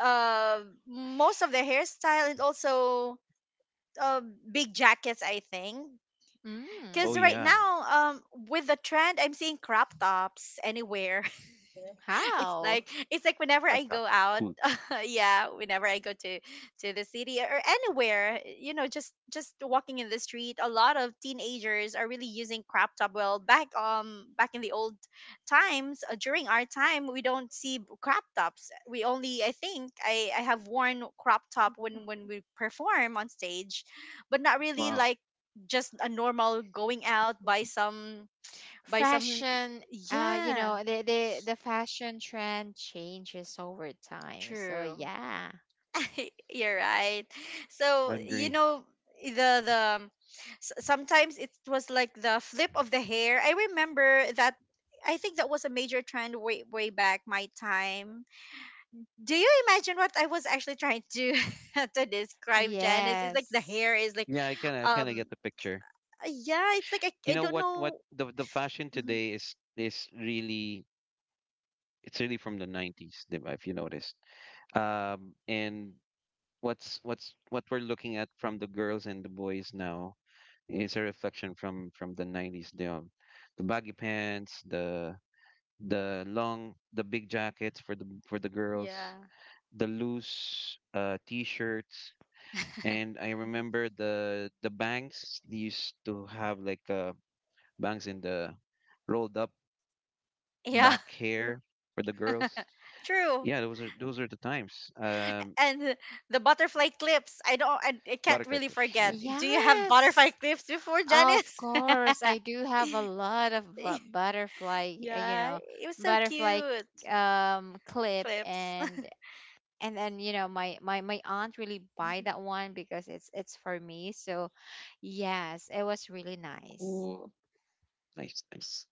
Speaker 2: uh, most of the hairstyle, and also, uh, big jackets, I think.
Speaker 3: oh
Speaker 1: mm,
Speaker 2: Because right
Speaker 3: yeah,
Speaker 2: now, um, with the trend, I'm seeing crop tops anywhere. it's
Speaker 1: how?
Speaker 2: like it's like whenever
Speaker 3: that
Speaker 2: I go
Speaker 3: sounds
Speaker 2: out,
Speaker 3: cool.
Speaker 2: yeah, whenever I go to the city or anywhere, you know, just walking in the street, a lot of teenagers are really using crop top. Well, back in the old times, during our time, we don't see, crop tops. We only, I think, I have worn crop top when, we perform on stage, but not really
Speaker 3: Wow,
Speaker 2: like just a normal going out by some, by some
Speaker 1: Fashion you
Speaker 2: yeah,
Speaker 1: know the fashion trend changes over time. So
Speaker 2: true.
Speaker 1: yeah.
Speaker 2: You're right.
Speaker 3: I
Speaker 2: So, you
Speaker 3: agree.
Speaker 2: know, the the um, sometimes it was like the flip of the hair. I remember that, I think that was a major trend way back my time. Do you imagine what I was actually trying to to describe, Janice? It's like the hair
Speaker 1: Yes.
Speaker 2: is like,
Speaker 3: Yeah, I kind of
Speaker 2: um
Speaker 3: get the picture.
Speaker 2: yeah, it's like, I,
Speaker 3: You
Speaker 2: I
Speaker 3: know
Speaker 2: don't
Speaker 3: what? What
Speaker 2: know.
Speaker 3: the fashion
Speaker 2: Mhm.
Speaker 3: today is really it's really from the 90s, if you noticed. And what's what we're looking at from the girls and the boys now is a reflection from the 90s, the baggy pants, the long the big jackets for the girls
Speaker 2: Yeah.
Speaker 3: the loose t-shirts. And I remember the bangs they used to have like bangs in the rolled up
Speaker 2: Yeah,
Speaker 3: back hair for the girls.
Speaker 2: true.
Speaker 3: Yeah, those are the times.
Speaker 2: And the butterfly clips. I don't. I can't
Speaker 3: Butterfly
Speaker 2: really
Speaker 3: clips, yeah.
Speaker 2: forget. Do you have
Speaker 1: Yes.
Speaker 2: butterfly clips before,
Speaker 1: Of
Speaker 2: Janice?
Speaker 1: course, I do have a lot of butterfly, you
Speaker 2: Yeah,
Speaker 1: know,
Speaker 2: it was so
Speaker 1: butterfly
Speaker 2: cute.
Speaker 1: clip.
Speaker 2: Clips.
Speaker 1: And then you know my aunt really buy that one because it's for me. So yes, it was really nice.
Speaker 3: Yes.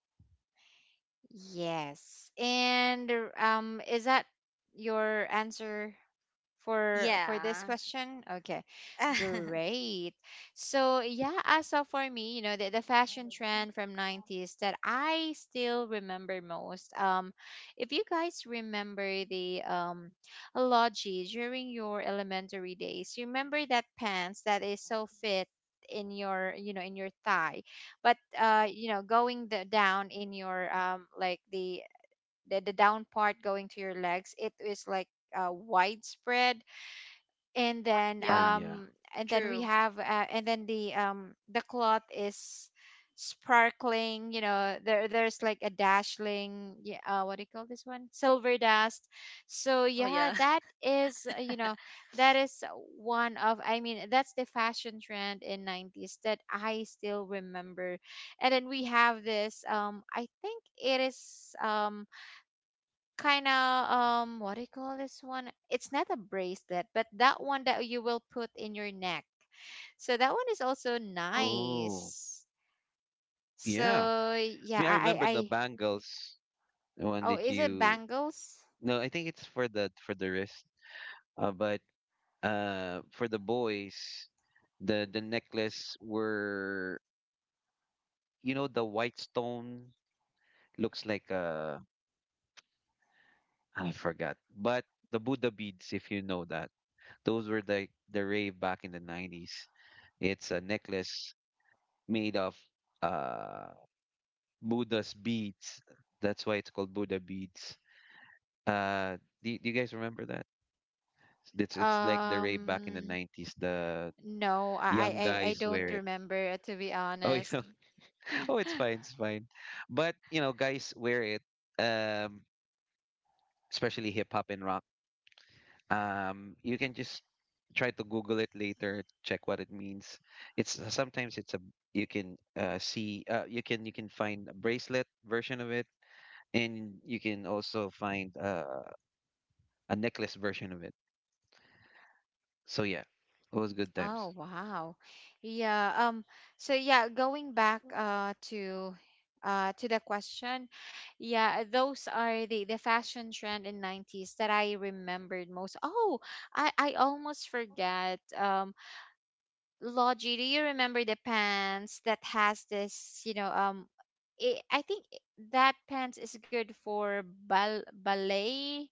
Speaker 1: Yes. And is that your answer for this
Speaker 2: Yeah.
Speaker 1: question? Okay. Great. So yeah, as of for me, you know, the fashion trend from 90s that I still remember most. If you guys remember the logi during your elementary days, you remember that pants that is so fit in your you know in your thigh, but you know going down in your like the down part going to your legs, it is like widespread. And then
Speaker 3: Ah,
Speaker 2: Yeah.
Speaker 3: yeah.
Speaker 1: we
Speaker 2: True.
Speaker 1: have and then the cloth is sparkling, you know, there there's like a dashling, yeah, what do you call this one, silver dust. So
Speaker 2: Oh, yeah.
Speaker 1: yeah, that is you know, that is one of I mean, that's the fashion trend in 90s that I still remember. And then we have this I think it is kind of what do you call this one? It's not a bracelet, but that one that you will put in your neck, so that one is also
Speaker 3: Oh.
Speaker 1: nice.
Speaker 3: Yeah. I
Speaker 1: So yeah,
Speaker 3: mean, I remember the
Speaker 1: I
Speaker 3: bangles, the one
Speaker 1: oh
Speaker 3: that
Speaker 1: is it
Speaker 3: you,
Speaker 1: bangles
Speaker 3: no, I think it's for the wrist. But for the boys, the necklace were, you know, the white stone, looks like I forgot. But the Buddha beads, if you know that. Those were the rave back in the 90s. It's a necklace made of uh Buddha's beads. That's why it's called Buddha beads. Uh do, you guys remember that? It's like the rave back in the
Speaker 1: um
Speaker 3: 90s. The
Speaker 1: no,
Speaker 3: young
Speaker 1: I
Speaker 3: guys
Speaker 1: don't
Speaker 3: wear it.
Speaker 1: remember, to be
Speaker 3: Oh, you
Speaker 1: honest.
Speaker 3: know. Oh, it's fine, it's fine. But, you know, guys wear it, um, especially hip hop and rock. You can just try to Google it later, check what it means. It's sometimes it's a you can see you can find a bracelet version of it, and you can also find a necklace version of it. So yeah, it was good
Speaker 1: Oh,
Speaker 3: times.
Speaker 1: wow. Yeah, so yeah, going back to the question, yeah, those are the fashion trend in 90s that I remembered most. Oh, I almost forget. Logi, do you remember the pants that has this, you know, I think that pants is good for ballet,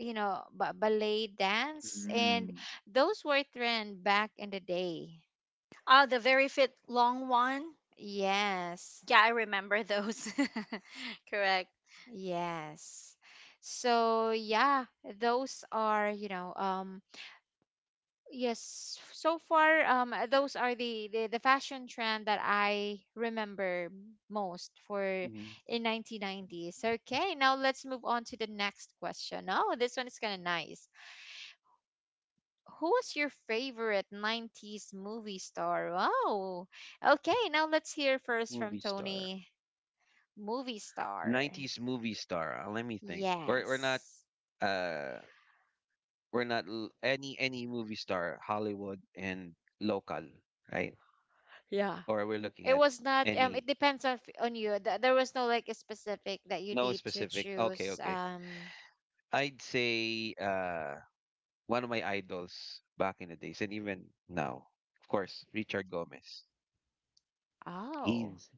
Speaker 1: you know, ba ballet dance, and
Speaker 3: Mm.
Speaker 1: those were trend back in the day.
Speaker 2: Oh, the very fit long one.
Speaker 1: Yes.
Speaker 2: Yeah, I remember those. Correct.
Speaker 1: Yes. So yeah, those are, you know, yes, so far those are the fashion trend that I remember most for
Speaker 3: Hmm.
Speaker 1: in 1990s. Okay, now let's move on to the next question. Oh, this one is kind of nice. Who was your favorite 90s movie star? Oh. Okay, now let's hear first from
Speaker 3: Movie star.
Speaker 1: Tony. Movie star.
Speaker 3: 90s movie star. Let me think. We're not
Speaker 1: Yes.
Speaker 3: uh any movie star, Hollywood and local, right?
Speaker 1: Yeah.
Speaker 3: Or we're looking
Speaker 1: It
Speaker 3: at
Speaker 1: was not.
Speaker 3: any,
Speaker 1: It depends on on you. There was no like a specific that you
Speaker 3: no
Speaker 1: need to
Speaker 3: specific. Okay,
Speaker 1: choose.
Speaker 3: okay. I'd say one of my idols back in the days and even now, of course, Richard Gomez.
Speaker 1: Oh.
Speaker 3: He's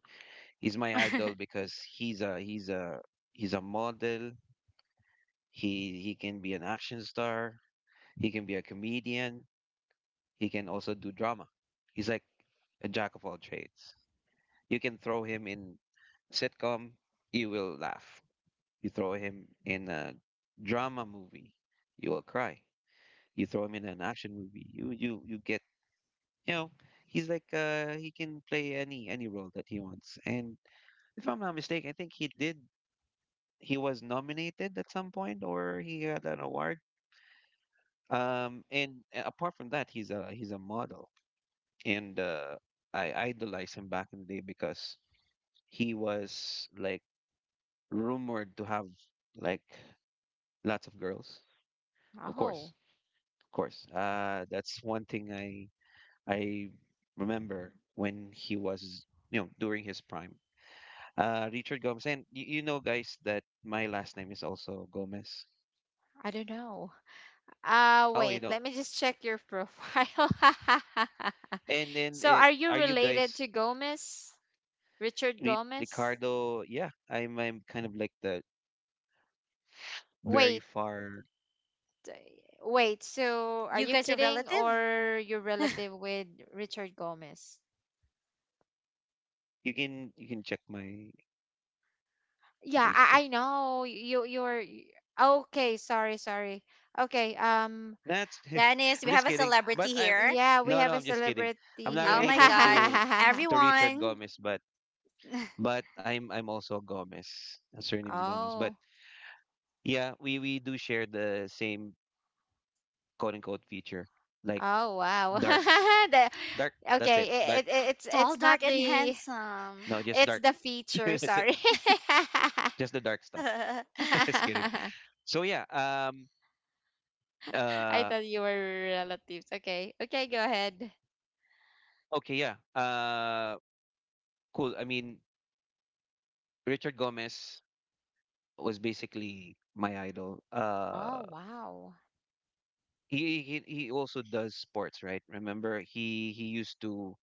Speaker 3: he's my idol because he's a he's a model. He can be an action star. He can be a comedian. He can also do drama. He's like a jack of all trades. You can throw him in sitcom, you will laugh. You throw him in a drama movie, you will cry. You throw him in an action movie, you you get, you know, he's like he can play any role that he wants. And if I'm not mistaken, I think he was nominated at some point or he had an award. And apart from that, he's a model. And I idolized him back in the day because he was like rumored to have like lots of girls. Of course,
Speaker 1: Oh.
Speaker 3: of course. That's one thing I I remember when he was, you know, during his prime. Richard Gomez, and you know, guys, that my last name is also Gomez.
Speaker 1: I don't know.
Speaker 3: Oh, you
Speaker 1: Wait.
Speaker 3: don't.
Speaker 1: Let me just check your profile.
Speaker 3: And then
Speaker 1: So, are you
Speaker 3: are you
Speaker 1: related
Speaker 3: guys,
Speaker 1: to Gomez? Richard Gomez?
Speaker 3: Ricardo? Yeah, I'm kind of like the very
Speaker 1: Wait.
Speaker 3: far.
Speaker 1: Wait. So, are
Speaker 2: You
Speaker 1: you
Speaker 2: guys are
Speaker 1: kidding,
Speaker 2: relative.
Speaker 1: or you're relative with Richard Gomez?
Speaker 3: You can check my
Speaker 1: Yeah,
Speaker 3: Facebook.
Speaker 1: I know. Okay. Sorry, sorry. Okay.
Speaker 3: That's
Speaker 2: Janice,
Speaker 3: I'm
Speaker 2: we
Speaker 3: just
Speaker 2: have a
Speaker 3: kidding. But
Speaker 2: celebrity
Speaker 3: I'm
Speaker 2: here.
Speaker 1: Yeah, we
Speaker 3: no, no,
Speaker 1: have a
Speaker 3: I'm just kidding. I'm
Speaker 1: celebrity
Speaker 3: not
Speaker 2: Oh
Speaker 1: here.
Speaker 2: my
Speaker 3: related
Speaker 2: god.
Speaker 3: to Richard
Speaker 2: Everyone.
Speaker 3: Gomez, but I'm also Gomez. My surname is Gomez. But
Speaker 1: Oh,
Speaker 3: yeah, we do share the same quote unquote feature. Like
Speaker 1: oh wow.
Speaker 3: dark,
Speaker 1: The,
Speaker 3: dark, that's it.
Speaker 1: okay,
Speaker 3: Dark,
Speaker 1: it's
Speaker 2: Tall,
Speaker 1: not
Speaker 2: dark, and
Speaker 1: the,
Speaker 3: no,
Speaker 2: handsome.
Speaker 3: just
Speaker 1: it's
Speaker 3: dark.
Speaker 1: the feature,
Speaker 3: That's it.
Speaker 1: sorry.
Speaker 3: Just the dark stuff. Just kidding.
Speaker 1: I
Speaker 3: So yeah, uh
Speaker 1: thought you were relatives. Okay. Okay, go ahead.
Speaker 3: okay, yeah. Cool. I mean, Richard Gomez was basically my idol.
Speaker 1: Oh, wow.
Speaker 3: He also does sports, right? Remember, he used to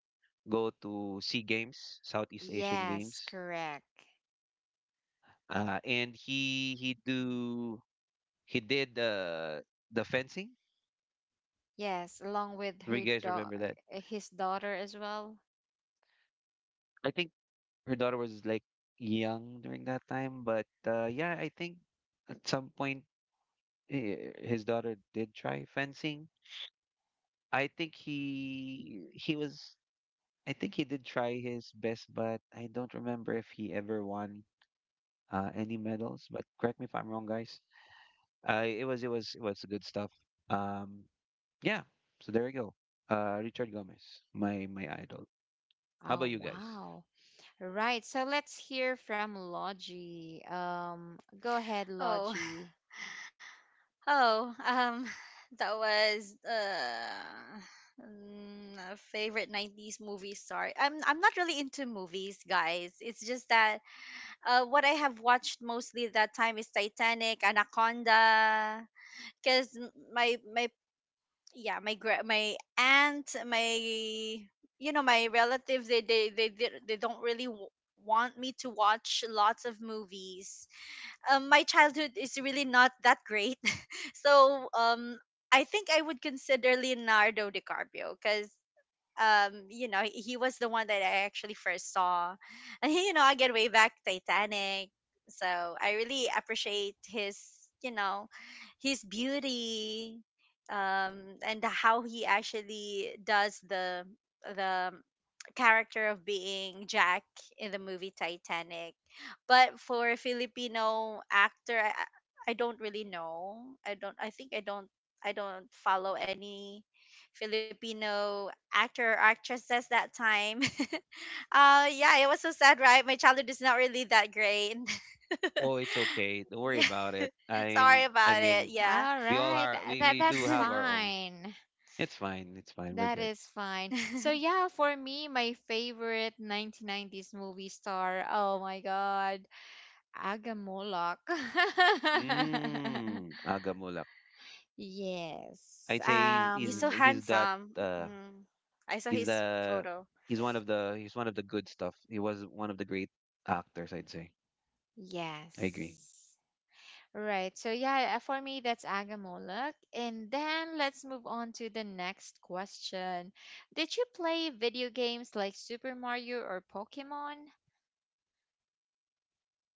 Speaker 3: go to SEA Games, Southeast Asian
Speaker 1: Yes,
Speaker 3: Games,
Speaker 1: correct.
Speaker 3: and he do he did the fencing.
Speaker 1: Yes, along with
Speaker 3: Do you
Speaker 1: her
Speaker 3: guys
Speaker 1: da,
Speaker 3: remember that?
Speaker 1: his daughter as well.
Speaker 3: I think her daughter was like young during that time, but yeah, I think at some point, his daughter did try fencing. I think he did try his best, but I don't remember if he ever won any medals. But correct me if I'm wrong, guys. It was good stuff. Um, yeah. So there you go. Richard Gomez, my idol. How about
Speaker 1: Oh,
Speaker 3: you guys?
Speaker 1: wow. Right. So let's hear from Logie. Go ahead,
Speaker 2: oh,
Speaker 1: Logie.
Speaker 2: oh, um, that was, a favorite '90s movie star. I'm not really into movies, guys. It's just that, what I have watched mostly that time is Titanic, Anaconda, because my yeah my gra- my aunt my my relatives, they don't really, want me to watch lots of movies. My childhood is really not that great. So I think I would consider Leonardo DiCaprio because, you know, he was the one that I actually first saw. And, you know, again, way back, Titanic. So I really appreciate, his, his beauty, and how he actually does the character of being Jack in the movie Titanic. But for a Filipino actor, I I don't really know. I don't i think i don't i don't follow any Filipino actor or actresses that time. Yeah, it was so sad, right? My childhood is not really that great.
Speaker 3: Oh, it's okay. Don't worry
Speaker 2: Yeah.
Speaker 3: about it. I
Speaker 2: Sorry
Speaker 3: I
Speaker 2: about it.
Speaker 3: mean,
Speaker 2: Yeah.
Speaker 1: All
Speaker 3: we all
Speaker 1: right.
Speaker 3: are,
Speaker 1: That
Speaker 3: we do
Speaker 1: that's
Speaker 3: have our own.
Speaker 1: fine.
Speaker 3: It's fine. It's fine. We're
Speaker 1: That
Speaker 3: good.
Speaker 1: is fine. So yeah, for me, my favorite 1990s movie star. Oh my God, Agamolok.
Speaker 3: Mm. Agamulak.
Speaker 1: yes.
Speaker 3: I'd say he's
Speaker 2: He's so
Speaker 3: he's he's that
Speaker 2: handsome.
Speaker 3: uh
Speaker 2: Mm. I saw
Speaker 3: he's
Speaker 2: his
Speaker 3: the
Speaker 2: photo.
Speaker 3: he's one of the, he's one of the good stuff. He was one of the great actors, I'd say. I agree.
Speaker 1: Yes. Right. So yeah, for me that's Agamolok. And then let's move on to the next question. Did you play video games like Super Mario or Pokemon?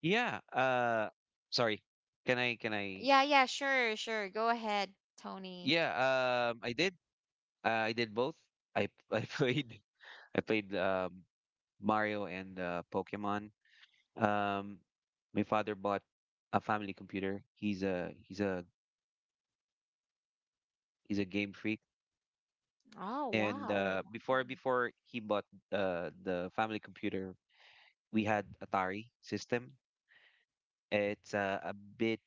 Speaker 3: Yeah. Sorry. Can I? Can I?
Speaker 1: Yeah, yeah, sure, sure. Go ahead, Tony.
Speaker 3: Yeah. I did. I did both. I I played. I played Mario and Pokemon. Um, my father bought a family computer. He's a he's a game freak.
Speaker 1: Oh,
Speaker 3: And
Speaker 1: wow.
Speaker 3: before he bought the family computer, we had Atari system. It's a bit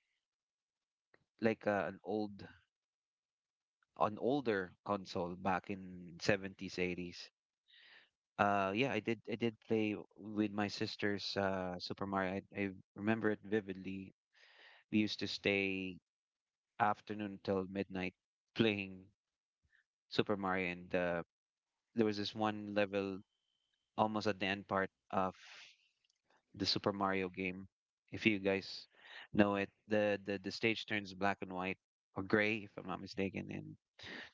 Speaker 3: like an old, an older console back in 70s 80s. Yeah, I did. I did play with my sisters. Super Mario. I remember it vividly. We used to stay afternoon till midnight playing Super Mario, and there was this one level almost at the end part of the Super Mario game. If you guys know it, the stage turns black and white or gray, if I'm not mistaken. And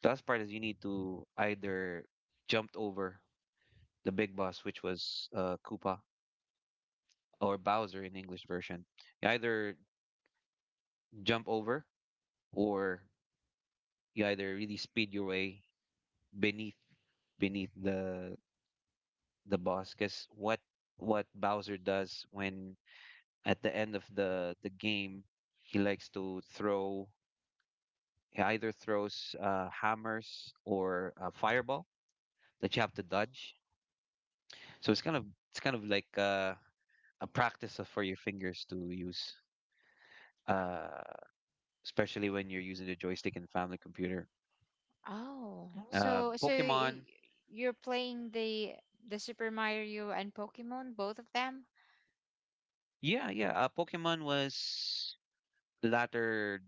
Speaker 3: the last part is you need to either jump over the big boss, which was Koopa or Bowser in English version. You either jump over or you either really speed your way beneath beneath the boss. Because what Bowser does when at the end of the game, he likes to throw. He either throws hammers or a fireball that you have to dodge. So it's kind of, it's kind of like a practice of- for your fingers to use, uh, especially when you're using the joystick in family computer.
Speaker 1: Oh. So
Speaker 3: Pokemon,
Speaker 1: you're playing the Super Mario and Pokemon, both of them?
Speaker 3: yeah, yeah. Pokemon was latter.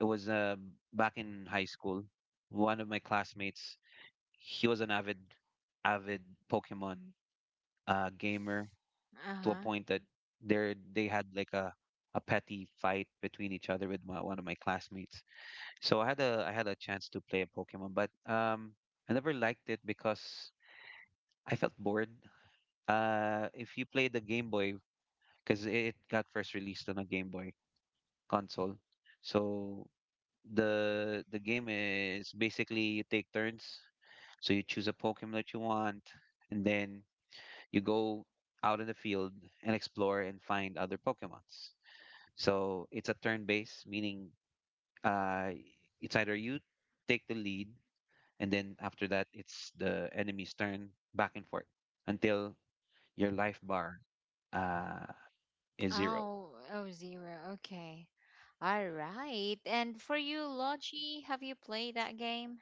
Speaker 3: It was back in high school. One of my classmates, he was an avid, avid Pokemon gamer, to a
Speaker 1: Uh-huh.
Speaker 3: point that there they had like a petty fight between each other with my, one of my classmates. So I had a chance to play a Pokemon, but I never liked it because I felt bored. If you play the Game Boy, because it got first released on a Game Boy console. So the game is basically you take turns. So you choose a Pokemon that you want, and then you go out in the field and explore and find other Pokemons. So it's a turn-based, meaning uh, it's either you take the lead, and then after that it's the enemy's turn, back and forth until your life bar Uh, is zero.
Speaker 1: Oh, oh, zero. Okay. All right. And for you, Logi, have you played that game?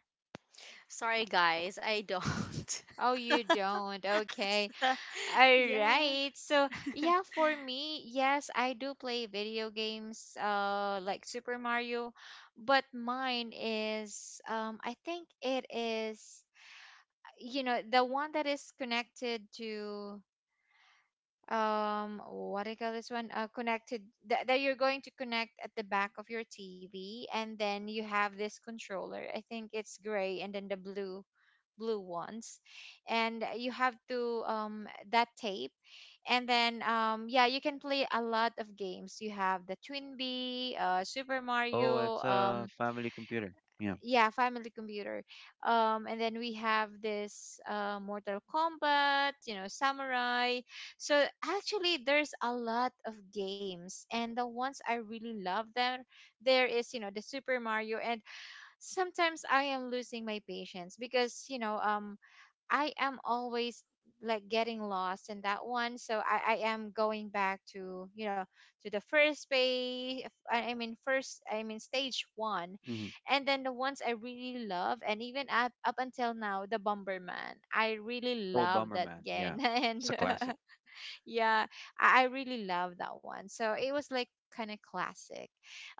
Speaker 2: Sorry, guys, I don't.
Speaker 1: Oh, you don't. Okay. All
Speaker 2: Yeah.
Speaker 1: right. So, yeah, for me, yes, I do play video games like Super Mario, but mine is I think it is you know, the one that is connected to what do you call this one? Connected that, that you're going to connect at the back of your TV, and then you have this controller. I think it's gray, and then the blue blue ones, and you have to that tape. And then yeah, you can play a lot of games. You have the twin bee, super
Speaker 3: Oh,
Speaker 1: mario,
Speaker 3: it's a family computer. Yeah.
Speaker 1: yeah, family computer, and then we have this mortal kombat, you know, samurai. So actually there's a lot of games, and the ones I really love there, there is you know the super mario. And sometimes I am losing my patience because you know, I am always like getting lost in that one. So I am going back to, you know, to the first page. I mean, stage one.
Speaker 3: Hmm.
Speaker 1: And then the ones I really love, and even up, up until now, the Bomberman. I really
Speaker 3: Oh,
Speaker 1: love that
Speaker 3: Bomberman.
Speaker 1: game.
Speaker 3: Yeah.
Speaker 1: And
Speaker 3: It's a classic.
Speaker 1: yeah, I really love that one. So it was like kind of classic.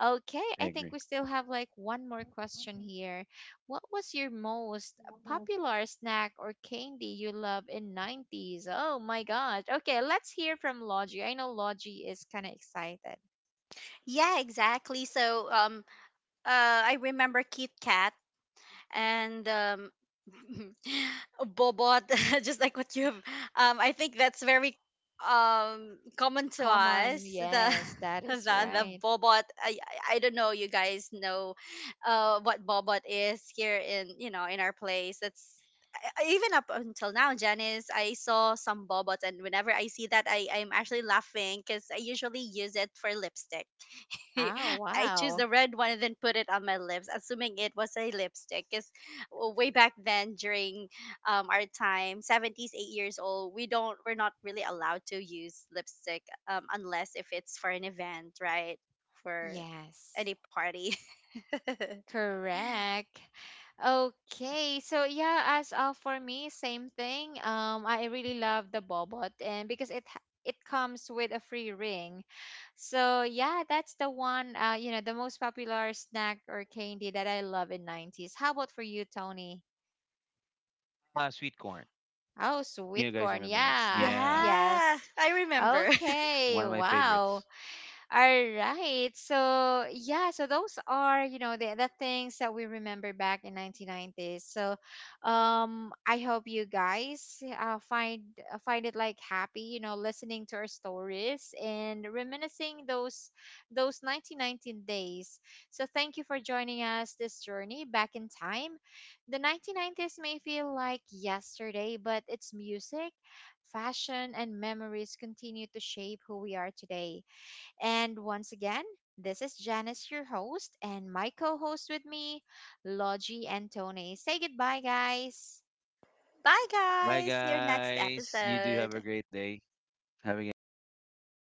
Speaker 1: Okay,
Speaker 3: I
Speaker 1: I think
Speaker 3: agree.
Speaker 1: we still have like one more question here. What was your most popular snack or candy you love in 90s? Oh my gosh. Okay, let's hear from Logie. I know Logie is kind of excited.
Speaker 2: Yeah, exactly. So, I remember Kit Kat and, bobot, just like what you have. I think that's very, common to
Speaker 1: Come
Speaker 2: us.
Speaker 1: on.
Speaker 2: The
Speaker 1: Yes, that
Speaker 2: the
Speaker 1: is
Speaker 2: the
Speaker 1: right.
Speaker 2: bobot. I don't know. You guys know, what bobot is here in, our place. That's even up until now, Janice, I saw some bobots, and whenever I see that, I'm actually laughing because I usually use it for lipstick.
Speaker 1: Oh,
Speaker 2: I choose
Speaker 1: wow.
Speaker 2: the red one and then put it on my lips, assuming it was a lipstick. Because way back then, during, our time, seventies, 8 years old, we don't, we're not really allowed to use lipstick, unless if it's for an event, right? For
Speaker 1: Yes.
Speaker 2: any party.
Speaker 1: Correct. Okay, so yeah, as for me, same thing. I really love the bobot, and because it it comes with a free ring, so yeah, that's the one. You know, the most popular snack or candy that I love in nineties. How about for you, Tony?
Speaker 3: Ah, Sweet Corn.
Speaker 1: Oh, sweet
Speaker 3: You guys
Speaker 1: corn.
Speaker 3: remember that?
Speaker 1: Yeah.
Speaker 3: Yeah.
Speaker 2: Yeah,
Speaker 1: Yes.
Speaker 2: I remember.
Speaker 1: Okay.
Speaker 3: One of my
Speaker 1: Wow.
Speaker 3: favorites.
Speaker 1: All right. So yeah, so those are, you know, the things that we remember back in 1990s. So I hope you guys find find it like happy, you know, listening to our stories and reminiscing those 1919 days. So thank you for joining us this journey back in time. The 1990s may feel like yesterday, but it's music fashion and memories continue to shape who we are today. And once again, this is Janice, your host, and my co host with me, Logie and Tony. Say goodbye, guys.
Speaker 2: Bye,
Speaker 3: Bye,
Speaker 2: guys. See you next
Speaker 3: guys. You do have a
Speaker 2: episode.
Speaker 3: great day. Have a great day, guys.